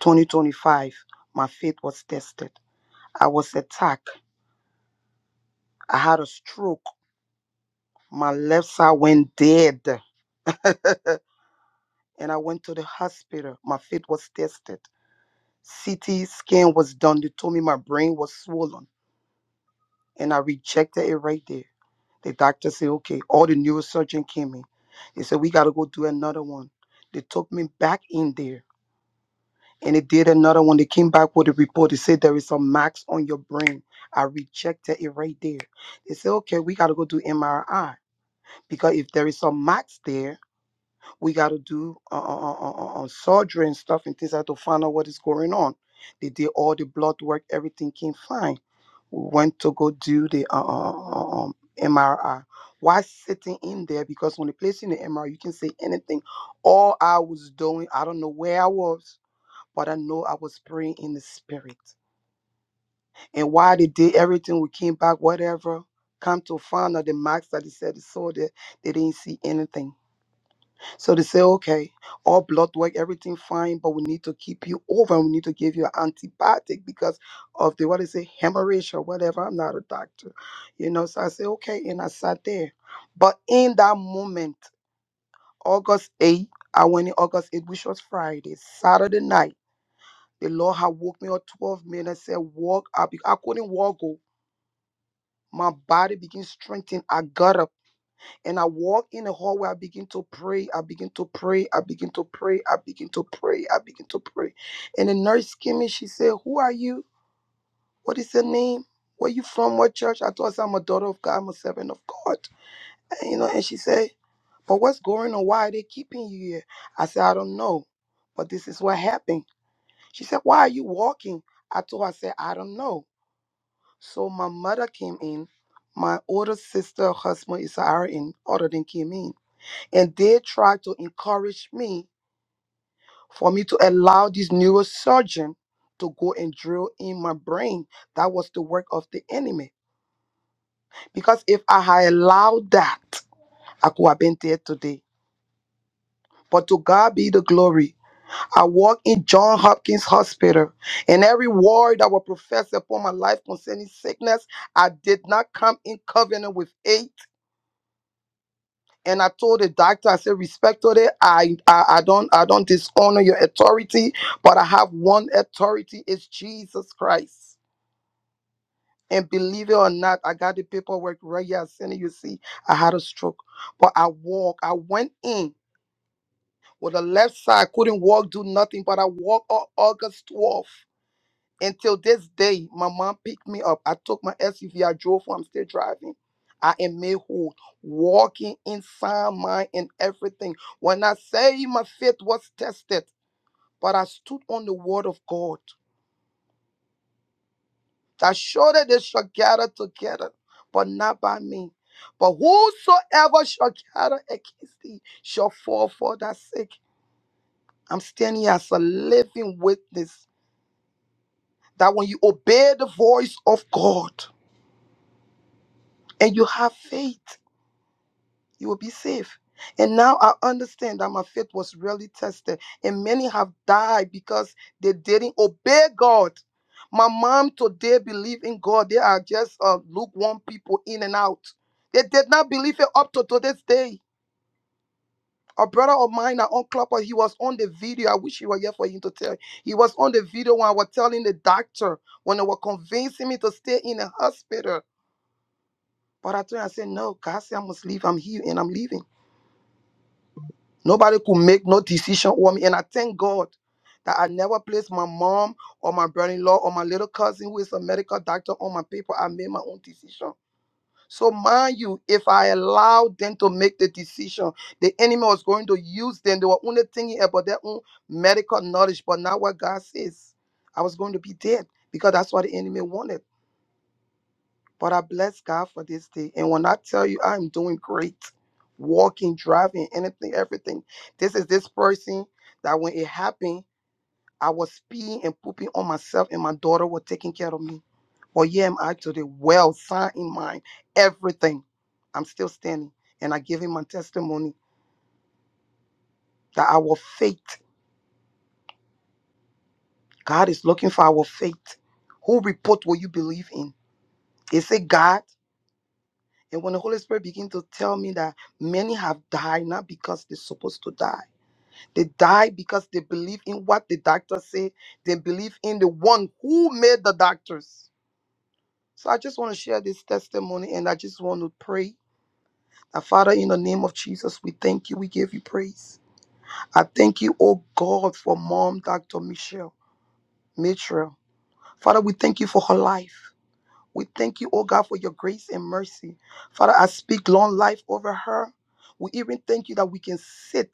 [SPEAKER 8] 2025, my faith was tested. I was attacked. I had a stroke. My left side went dead. *laughs* and I went to the hospital. My faith was tested. CT scan was done. They told me my brain was swollen. And I rejected it right there. The doctor said, okay, all the neurosurgeon came in. They said, we got to go do another one. They took me back in there And it did another one. They came back with a report. They said there is some marks on your brain. I rejected it right there. They said, okay, we got to go do MRI because if there is some marks there, we got to do uh, uh, uh, uh, uh, uh, surgery and stuff and things like that to find out what is going on. They did all the blood work. Everything came fine. We went to go do the uh, uh, uh, uh, um, MRI. Why sitting in there? Because when they place you in the MRI, you can say anything. All I was doing, I don't know where I was but I know I was praying in the spirit. And while they did everything, we came back, whatever. Come to find out the marks that they said they saw there, they didn't see anything. So they say, okay, all blood work, everything fine, but we need to keep you over and we need to give you an antibiotic because of the what is it, hemorrhage or whatever. I'm not a doctor. You know, so I say, okay, and I sat there. But in that moment, August 8th, I went in August 8th, which was Friday, Saturday night. The Lord had woke me up 12 minutes, said, Walk up. I couldn't walk. Oh. My body began to strengthen. I got up and I walked in the hallway. I begin to pray. I begin to pray. I begin to pray. I begin to pray. I begin to pray. And the nurse came in. She said, Who are you? What is your name? Where you from? What church? I told her I'm a daughter of God. I'm a servant of God. And, you know, and she said, But what's going on? Why are they keeping you here? I said, I don't know. But this is what happened. She said, Why are you walking? I told her, I said, I don't know. So my mother came in. My older sister, her husband is RN, other than came in. And they tried to encourage me for me to allow this neurosurgeon to go and drill in my brain. That was the work of the enemy. Because if I had allowed that, I could have been dead today. But to God be the glory. I walk in John Hopkins Hospital, and every word that was professed upon my life concerning sickness, I did not come in covenant with it and I told the doctor, I said, respect I, I I don't I don't dishonor your authority, but I have one authority, it's Jesus Christ. And believe it or not, I got the paperwork right here. As soon as you see, I had a stroke. But I walk. I went in with the left side, couldn't walk, do nothing. But I walked on August 12th. Until this day, my mom picked me up. I took my SUV. I drove home. I'm still driving. I am made whole, walking inside mine and everything. When I say my faith was tested, but I stood on the word of God that surely they shall gather together, but not by me. But whosoever shall gather against thee shall fall for that sake. I'm standing here as a living witness that when you obey the voice of God and you have faith, you will be safe. And now I understand that my faith was really tested, and many have died because they didn't obey God. My mom today believe in God. They are just uh, lukewarm people in and out. They did not believe it up to today's day. A brother of mine at on Clubhouse, he was on the video. I wish he were here for him to tell. He was on the video when I was telling the doctor when they were convincing me to stay in the hospital. But I told him, I said, no, God said I must leave. I'm here and I'm leaving. Nobody could make no decision for me. And I thank God that I never placed my mom or my brother-in-law or my little cousin who is a medical doctor on my paper. I made my own decision. So mind you, if I allowed them to make the decision, the enemy was going to use them. They were only thinking about their own medical knowledge, but not what God says. I was going to be dead because that's what the enemy wanted. But I bless God for this day. And when I tell you I'm doing great, walking, driving, anything, everything. This is this person that when it happened, I was peeing and pooping on myself, and my daughter was taking care of me. But yeah, am I today well, sign in mind, everything. I'm still standing. And I give him my testimony that our faith, God is looking for our faith. Who report will you believe in? Is it God? And when the Holy Spirit begins to tell me that many have died not because they're supposed to die, they die because they believe in what the doctors say, they believe in the one who made the doctors. So I just want to share this testimony and I just want to pray. that Father, in the name of Jesus, we thank you. We give you praise. I thank you, oh God, for mom, Dr. Michelle Mitchell. Father, we thank you for her life. We thank you, oh God, for your grace and mercy. Father, I speak long life over her. We even thank you that we can sit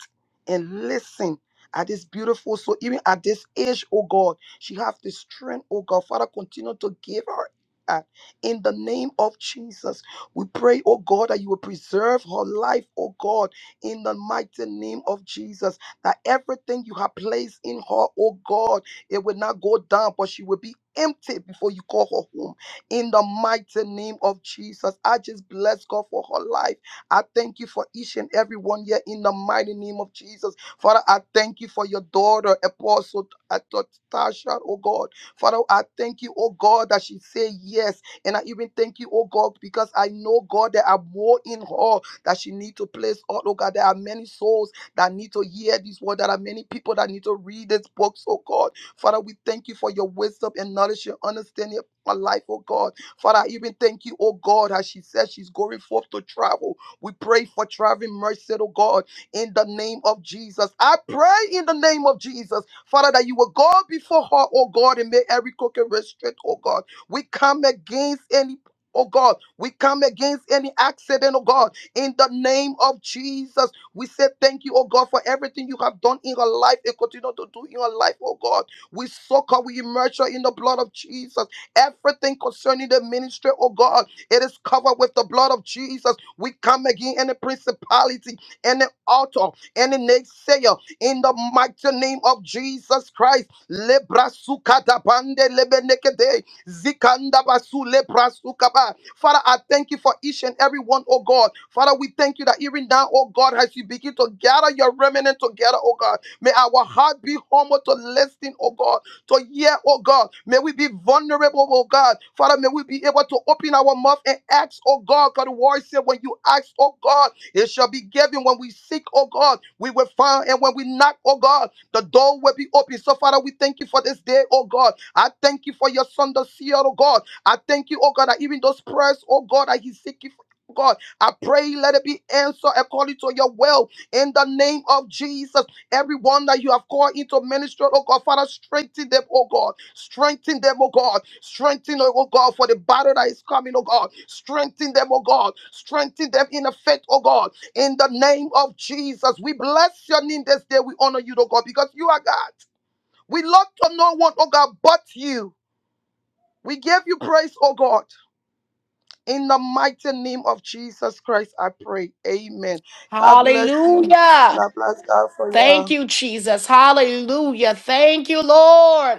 [SPEAKER 8] and listen at this beautiful, so even at this age, oh God, she have the strength, oh God. Father, continue to give her that. in the name of Jesus. We pray, oh God, that you will preserve her life, oh God, in the mighty name of Jesus. That everything you have placed in her, oh God, it will not go down, but she will be empty before you call her home in the mighty name of Jesus. I just bless God for her life. I thank you for each and every one here in the mighty name of Jesus. Father, I thank you for your daughter, Apostle T- T- Tasha, oh God. Father, I thank you, oh God, that she said yes. And I even thank you, oh God, because I know, God, there are more in her that she need to place. Oh, oh God, there are many souls that need to hear this word. There are many people that need to read this book, oh God. Father, we thank you for your wisdom and knowledge and understanding my life, oh God. Father, I even thank you, oh God, as she says she's going forth to travel. We pray for traveling mercy, oh God, in the name of Jesus. I pray in the name of Jesus, Father, that you will go before her, oh God, and make every crooked restrict, oh God. We come against any. Oh God, we come against any accident, oh God, in the name of Jesus. We say thank you, oh God, for everything you have done in her life and continue to do in her life, oh God. We soak her, we immerse her in the blood of Jesus. Everything concerning the ministry, oh God, it is covered with the blood of Jesus. We come again in the principality, in the altar, in the naysayer, in the mighty name of Jesus Christ. Lebra lebenekede, zikanda basu Father, I thank you for each and every one, oh God. Father, we thank you that even now, oh God, as you begin to gather your remnant together, oh God, may our heart be humble to listen, oh God to hear, oh God. May we be vulnerable, oh God. Father, may we be able to open our mouth and ask, oh God. God, the word said, when you ask, oh God, it shall be given. When we seek, oh God, we will find. And when we knock, oh God, the door will be open. So, Father, we thank you for this day, oh God. I thank you for your son, the seer, oh God. I thank you, oh God, that even those prayers, oh God, that he's seeking for. oh God, I pray let it be answered according to your will in the name of Jesus. Everyone that you have called into ministry, oh God, Father, strengthen them, oh God. Strengthen them, oh God. Strengthen, them, oh God, for the battle that is coming, oh God. Strengthen them, oh God. Strengthen them in the faith, oh God. In the name of Jesus, we bless your name this day. We honor you, oh God, because you are God. We love to no one, oh God, but you. We give you praise, oh God. In the mighty name of Jesus Christ, I pray. Amen. God bless you. And
[SPEAKER 1] Hallelujah.
[SPEAKER 8] I bless God for you.
[SPEAKER 1] Thank you, Jesus. Hallelujah. Thank you, Lord.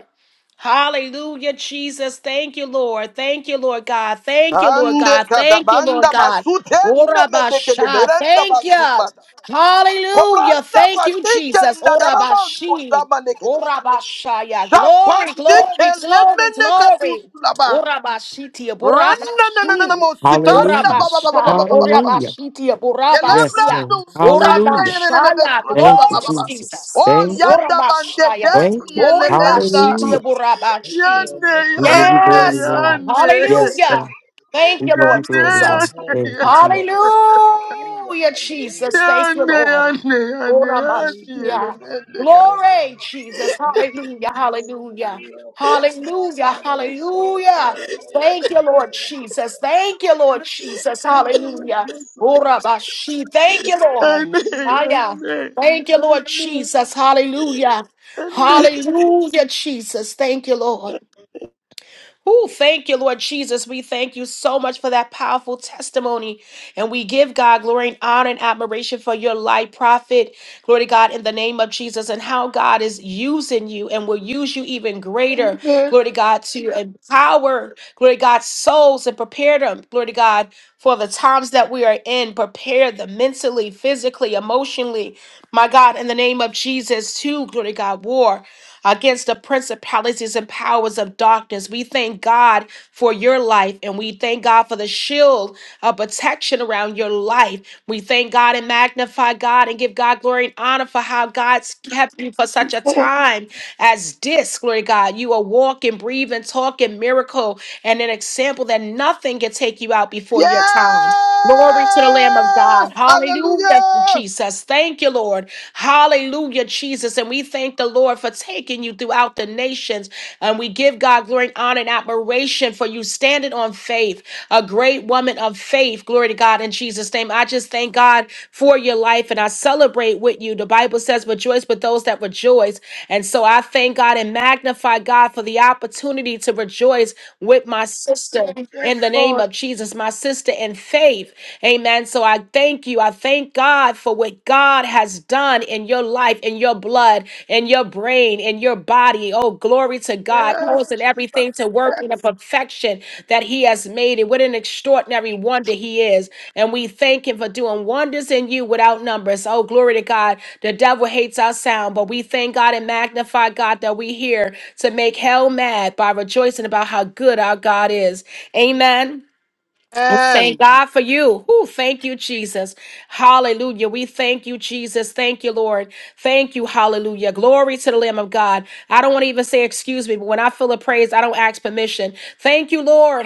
[SPEAKER 1] Hallelujah, Jesus. Thank you, Lord. Thank you, Lord God. Thank you, Lord
[SPEAKER 8] Ande
[SPEAKER 1] God. Thank you, Lord
[SPEAKER 8] katabanda
[SPEAKER 1] God.
[SPEAKER 8] basutende medeke de
[SPEAKER 1] Orabasha.
[SPEAKER 8] berenda
[SPEAKER 1] Thank you.
[SPEAKER 8] basupada.
[SPEAKER 1] Hallelujah.
[SPEAKER 8] Kobranda
[SPEAKER 1] Thank you,
[SPEAKER 8] basike
[SPEAKER 1] Jesus.
[SPEAKER 8] ndadarama
[SPEAKER 1] Orabashi.
[SPEAKER 8] sutama nekede.
[SPEAKER 1] Orabashaya. Glory,
[SPEAKER 8] Shapande
[SPEAKER 1] glory,
[SPEAKER 8] keleme
[SPEAKER 1] glory, glory.
[SPEAKER 8] nekatusulaba.
[SPEAKER 1] Orabashitia.
[SPEAKER 8] Randa na na na na
[SPEAKER 1] Borabashi.
[SPEAKER 8] mositanda ba
[SPEAKER 5] Hallelujah.
[SPEAKER 8] ba ba ba ba
[SPEAKER 1] Orabasha.
[SPEAKER 8] ba ba ba ba ba.
[SPEAKER 5] Hallelujah.
[SPEAKER 1] Orabashitia.
[SPEAKER 5] Yes,
[SPEAKER 1] Borabasia.
[SPEAKER 5] Lord.
[SPEAKER 8] Kelebrando sikande ne
[SPEAKER 5] Hallelujah.
[SPEAKER 8] ne ne ne
[SPEAKER 1] Orabashaya.
[SPEAKER 8] besulaba
[SPEAKER 5] Thank
[SPEAKER 8] ba
[SPEAKER 5] you,
[SPEAKER 8] ba
[SPEAKER 1] Glory,
[SPEAKER 8] ba ba.
[SPEAKER 5] Jesus.
[SPEAKER 1] Jesus.
[SPEAKER 8] Oh
[SPEAKER 5] Thank you.
[SPEAKER 8] yada bande
[SPEAKER 1] Orabashaya.
[SPEAKER 5] Thank
[SPEAKER 8] kendi
[SPEAKER 5] you.
[SPEAKER 8] elementa.
[SPEAKER 1] Oribashiti
[SPEAKER 5] Hallelujah.
[SPEAKER 1] Burabashi.
[SPEAKER 8] Yande
[SPEAKER 5] We give you
[SPEAKER 8] yande
[SPEAKER 5] glory,
[SPEAKER 1] Yes,
[SPEAKER 5] Lord.
[SPEAKER 1] God.
[SPEAKER 8] yande.
[SPEAKER 5] Yes, Lord.
[SPEAKER 1] hallelujah. Thank
[SPEAKER 5] We
[SPEAKER 1] you,
[SPEAKER 5] give you
[SPEAKER 1] Lord
[SPEAKER 8] Yande
[SPEAKER 5] glory, Lord.
[SPEAKER 1] Jesus.
[SPEAKER 8] yande
[SPEAKER 5] Thank
[SPEAKER 6] Hallelujah,
[SPEAKER 5] you,
[SPEAKER 8] yande.
[SPEAKER 5] Jesus.
[SPEAKER 6] Lord. Hallelujah,
[SPEAKER 1] Hallelujah, Jesus.
[SPEAKER 6] hallelujah.
[SPEAKER 1] Thank you,
[SPEAKER 8] Yande,
[SPEAKER 1] Lord.
[SPEAKER 8] yande, yande,
[SPEAKER 1] Ora
[SPEAKER 8] yande,
[SPEAKER 1] Orabashia.
[SPEAKER 8] elemende, kaka.
[SPEAKER 1] Glory, Jesus. Hallelujah. Hallelujah.
[SPEAKER 6] God, God,
[SPEAKER 1] Hallelujah.
[SPEAKER 6] God, that is so
[SPEAKER 1] Hallelujah. Thank you, Lord Jesus. Thank you, Lord Jesus. Hallelujah. Ora Orabashi. Thank you, Lord.
[SPEAKER 8] Yande,
[SPEAKER 1] Ah, yeah.
[SPEAKER 8] yande,
[SPEAKER 1] Thank you, Lord
[SPEAKER 8] yande,
[SPEAKER 1] Jesus. Hallelujah. Hallelujah, Jesus. Thank you, Lord. Oh, thank you, Lord Jesus. We thank you so much for that powerful testimony. And we give God glory and honor and admiration for your life, prophet. Glory to God in the name of Jesus and how God is using you and will use you even greater.
[SPEAKER 8] yande.
[SPEAKER 1] Glory to God to empower, glory to God, souls and prepare them. Glory to God for the times that we are in. Prepare them mentally, physically, emotionally. My God, in the name of Jesus, to glory to God, war against the principalities and powers of darkness. We thank God for your life and we thank God for the shield of protection around your life. We thank God and magnify God and give God glory and honor for how God's kept you for such a time as this. Glory to God. You are walking, breathing, talking miracle and an example that nothing can take you out before your time. Glory to the Lamb of
[SPEAKER 8] Yes!
[SPEAKER 1] God. Hallelujah,
[SPEAKER 8] Hallelujah!
[SPEAKER 1] Jesus. Thank you, Lord. Hallelujah, Jesus. And we thank the Lord for taking you throughout the nations. And we give God glory and honor and admiration for you standing on faith, a great woman of faith. Glory to God in Jesus' name. I just thank God for your life and I celebrate with you. The Bible says, rejoice with those that rejoice. And so I thank God and magnify God for the opportunity to rejoice with my sister
[SPEAKER 8] Yes,
[SPEAKER 1] in the name
[SPEAKER 8] Lord.
[SPEAKER 1] of Jesus, my sister in faith. Amen. So I thank you. I thank God for what God has done in your life, in your blood, in your brain, in your body. Oh, glory to God.
[SPEAKER 8] Yes,
[SPEAKER 1] Causing everything
[SPEAKER 8] Jesus.
[SPEAKER 1] to work in the perfection that He has made it. What an extraordinary wonder He is. And we thank Him for doing wonders in you without numbers. Oh, glory to God. The devil hates our sound, but we thank God and magnify God that we're here to make hell mad by rejoicing about how good our God is. Amen. Well,
[SPEAKER 8] And
[SPEAKER 1] Thank God for you. Whew, thank you, Jesus. Hallelujah. We thank you, Jesus. Thank you, Lord. Thank you. Hallelujah. Glory to the Lamb of God. I don't want to even say excuse me, but when I feel a praise, I don't ask permission. Thank you, Lord.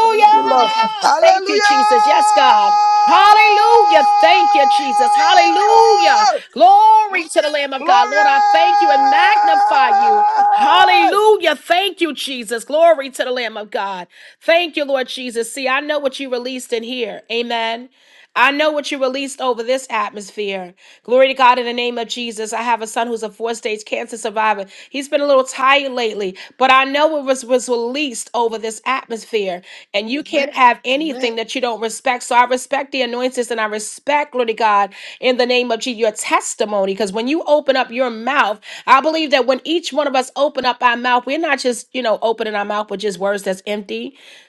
[SPEAKER 8] thank you, Lord.
[SPEAKER 1] Thank you,
[SPEAKER 8] Hallelujah!
[SPEAKER 1] Jesus. Yes, God. Hallelujah. Thank you, Jesus. Hallelujah. Glory to the Lamb of God.
[SPEAKER 8] Glory!
[SPEAKER 1] Lord, I thank you and magnify you. Hallelujah. Thank you, Jesus. Glory to the Lamb of God. Thank you, Lord Jesus. See, I know what you released in here. Amen. I know what you released over this atmosphere. Glory to God in the name of Jesus. I have a son who's a four stage cancer survivor. He's been a little tired lately, but I know it was, was released over this atmosphere. And you can't Amen. have
[SPEAKER 8] Amen.
[SPEAKER 1] anything that you don't respect. So I respect the anointings and I respect, glory to God, in the name of Jesus, your testimony. Because when you open up your mouth, I believe that when each one of us open up our mouth, we're not just, you know, opening our mouth with just words that's empty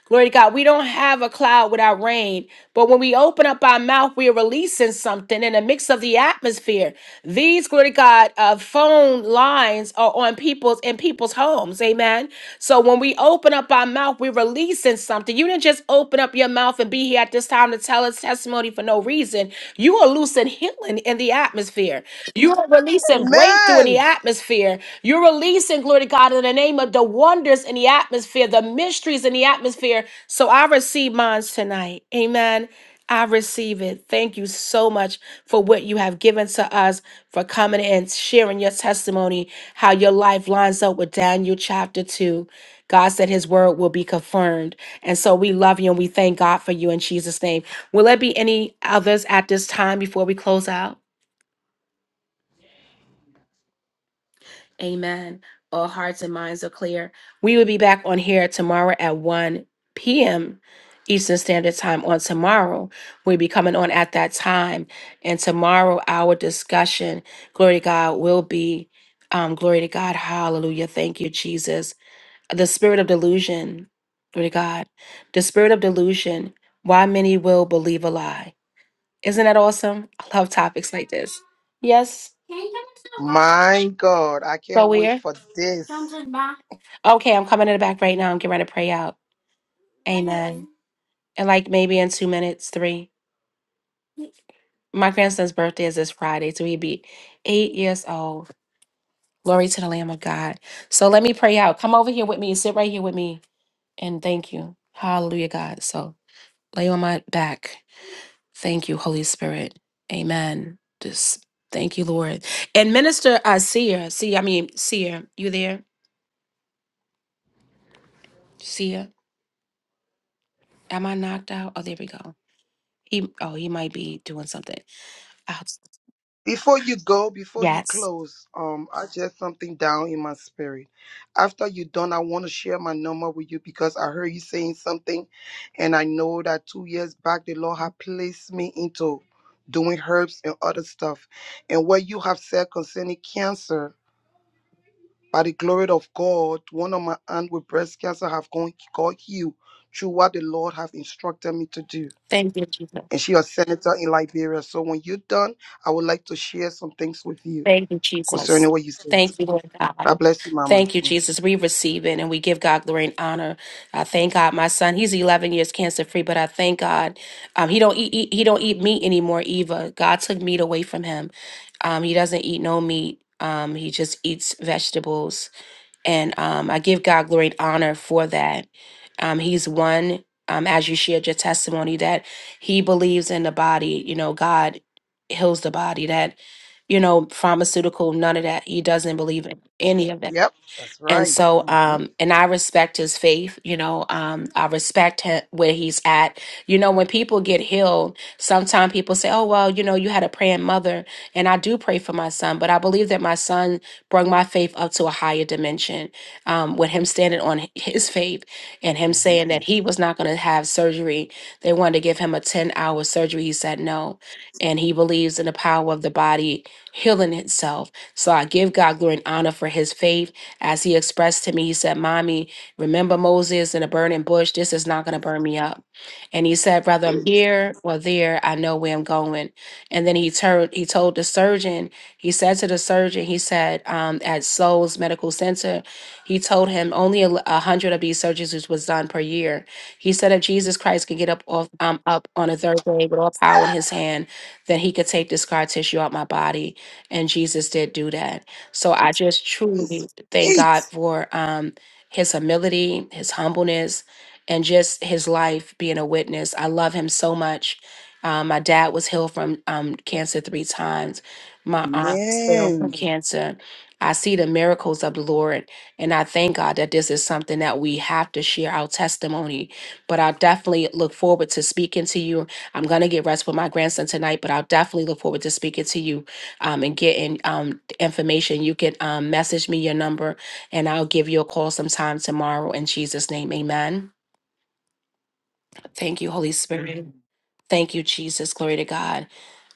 [SPEAKER 1] Glory to God. We don't have a cloud without rain, but when we open up our mouth, we are releasing something in the mix of the atmosphere. These, glory to God, uh, phone lines are on people's in people's homes. Amen. So when we open up our mouth, we're releasing something. You didn't just open up your mouth and be here at this time to tell us testimony for no reason. You are loosing healing in the atmosphere. You are releasing breakthrough in the
[SPEAKER 8] Amen.
[SPEAKER 1] atmosphere you're releasing, glory to God, in the name of the wonders in the atmosphere, the mysteries in the atmosphere. So I receive mine tonight. Amen. I receive it. Thank you so much for what you have given to us, for coming and sharing your testimony, how your life lines up with Daniel chapter 2. God said his word will be confirmed. And so we love you and we thank God for you in Jesus' name. Will there be any others at this time before we close out? Amen. All hearts and minds are clear. We will be back on here tomorrow at 1 p.m. Eastern Standard Time on tomorrow. We'll be coming on at that time. And tomorrow, our discussion, glory to God, will be um, glory to God. Hallelujah. Thank you, Jesus. The spirit of delusion, glory to God. The spirit of delusion, why many will believe a lie. Isn't that awesome? I love topics like this. Yes. Can you come to the box?
[SPEAKER 8] My God, I
[SPEAKER 1] Go
[SPEAKER 8] can't wait
[SPEAKER 1] where?
[SPEAKER 8] for this.
[SPEAKER 1] Something back. Okay, I'm coming in the back right now. I'm getting ready to pray out. Amen. And like maybe in two minutes, three. My grandson's birthday is this Friday, so he'd be eight years old. Glory to the Lamb of God. So let me pray out. Come over here with me. Sit right here with me. And thank you. Hallelujah, God. So lay on my back. Thank you, Holy Spirit. Amen. Just thank you, Lord. And minister uh seer. See, I mean seer, you there? Seer. Am I knocked out? Oh, there we go. He oh, he might be doing something. Oh,
[SPEAKER 8] Before you go, before you close, um, I just something down in my spirit. After you are done, I want to share my number with you because I heard you saying something, and I know that two years back the Lord had placed me into doing herbs and other stuff. And what you have said concerning cancer, by the glory of God, one of my aunt with breast cancer have gone got healed through what the Lord have instructed me to do.
[SPEAKER 1] thank you, Jesus.
[SPEAKER 8] and she a senator in Liberia. So when you're done, I would like to share some things with you
[SPEAKER 1] Thank you, Jesus.
[SPEAKER 8] concerning what you said.
[SPEAKER 1] Thank you, Lord God.
[SPEAKER 8] God bless you, Mama.
[SPEAKER 1] Thank you,
[SPEAKER 8] Mm.
[SPEAKER 1] Jesus. We receive it and we give God glory and honor. I thank God, my son. He's 11 years cancer free, but I thank God. Um, he don't eat, eat. He don't eat meat anymore. Eva, God took meat away from him. Um, he doesn't eat no meat. Um, he just eats vegetables. And um, I give God glory and honor for that. Um, he's one, um, as you shared your testimony, that he believes in the body. You know, God heals the body, that, you know, pharmaceutical, none of that. He doesn't believe in any of that
[SPEAKER 8] Yep, that's
[SPEAKER 1] and
[SPEAKER 8] right.
[SPEAKER 1] so
[SPEAKER 8] hmm
[SPEAKER 1] um and i respect his faith you know um i respect him where he's at you know when people get healed sometimes people say oh well you know you had a praying mother and i do pray for my son but i believe that my son brought my faith up to a higher dimension um with him standing on h- his faith and him saying that he was not going to have surgery they wanted to give him a 10 hour surgery he said no and he believes in the power of the body healing itself so i give god glory and honor for his faith as he expressed to me, he said, Mommy, remember Moses and the burning bush? This is not going to burn me up. And he said, Whether I'm here or there, I know where I'm going. And then he turned, he told the surgeon, he said to the surgeon, he said, um, at Souls Medical Center, he told him only a l- a hundred of these surgeries was done per year. He said if Jesus Christ can get up off um, up on a third day with all power in his hand, then he could take the scar tissue out my body. And Jesus did do that. So I just truly
[SPEAKER 8] It's
[SPEAKER 1] thank God
[SPEAKER 8] faith.
[SPEAKER 1] for um, his humility, his humbleness, and just his life being a witness. I love him so much. Um, my dad was healed from um, cancer three times. My aunt was healed from
[SPEAKER 8] Amen.
[SPEAKER 1] cancer. I see the miracles of the Lord, and I thank God that this is something that we have to share our testimony. But I definitely look forward to speaking to you. I'm gonna get rest with my grandson tonight, but I'll definitely look forward to speaking to you um, and getting um, the information, you can um, message me your number and I'll give you a call sometime tomorrow. In Jesus' name, amen. Thank you, Holy Spirit. Thank you, Jesus. Glory to God.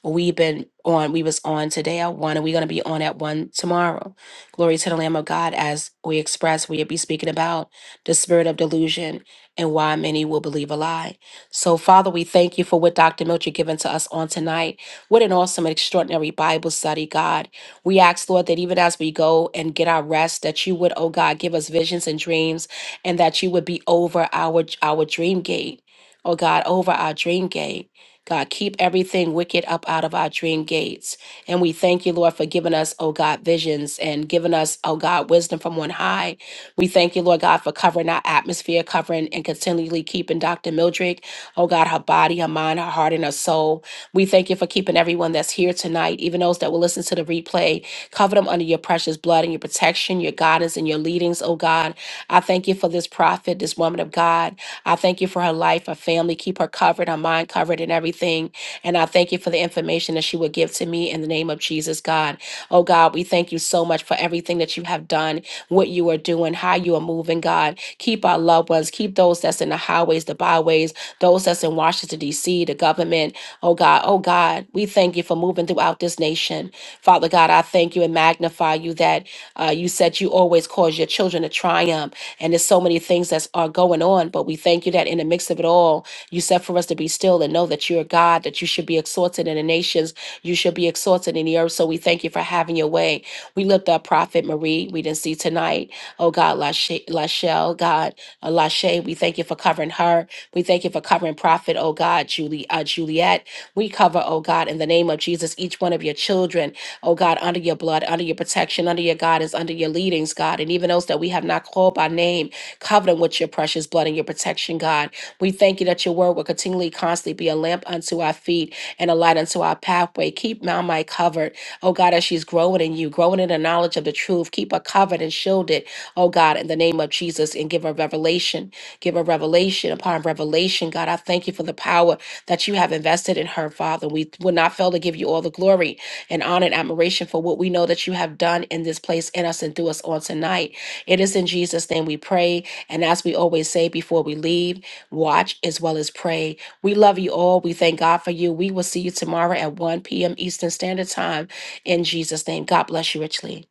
[SPEAKER 1] We've been on, we was on today at one, and we're gonna be on at one tomorrow. Glory to the Lamb of God as we express, we'll be speaking about the spirit of delusion and why many will believe a lie. So, Father, we thank you for what Dr. Milcher given to us on tonight. What an awesome and extraordinary Bible study, God. We ask, Lord, that even as we go and get our rest, that you would, oh God, give us visions and dreams, and that you would be over our our dream gate oh God, over our dream gate. God, keep everything wicked up out of our dream gates. And we thank you, Lord, for giving us, oh God, visions and giving us, oh God, wisdom from on high. We thank you, Lord God, for covering our atmosphere, covering and continually keeping Dr. Mildred, oh God, her body, her mind, her heart, and her soul. We thank you for keeping everyone that's here tonight, even those that will listen to the replay. Cover them under your precious blood and your protection, your guidance, and your leadings, oh God. I thank you for this prophet, this woman of God. I thank you for her life, her family. Keep her covered, her mind covered, and everything. And I thank you for the information that she will give to me in the name of Jesus, God. Oh, God, we thank you so much for everything that you have done, what you are doing, how you are moving, God. Keep our loved ones, keep those that's in the highways, the byways, those that's in Washington, D.C., the government. Oh, God, oh, God, we thank you for moving throughout this nation. Father God, I thank you and magnify you that uh, you said you always cause your children to triumph. And there's so many things that are going on, but we thank you that in the mix of it all, you said for us to be still and know that you're God, that you should be exalted in the nations, you should be exalted in the earth. So we thank you for having your way. We lift up Prophet Marie, we didn't see tonight. Oh God, Lashe- Lachelle, God, uh, Lashe, we thank you for covering her. We thank you for covering Prophet, oh God, Julie, uh, Juliet. We cover, oh God, in the name of Jesus, each one of your children oh God, under your blood, under your protection, under your guidance, under your leadings, God, and even those that we have not called by name, cover them with your precious blood and your protection, God. We thank you that your word will continually, constantly be a lamp unto our feet and a light unto our pathway. Keep Mount Mike covered, oh God, as she's growing in you, growing in the knowledge of the truth. Keep her covered and shielded, oh God, in the name of Jesus, and give her revelation, give her revelation upon revelation, God. I thank you for the power that you have invested in her, Father. We will not fail to give you all the glory and honor and admiration for what we know that you have done in this place, in us, and through us on tonight. It is in Jesus' name we pray. And as we always say before we leave, watch as well as pray. We love you all. We thank God for you. We will see you tomorrow at 1 p.m. Eastern Standard Time in Jesus' name. God bless you richly.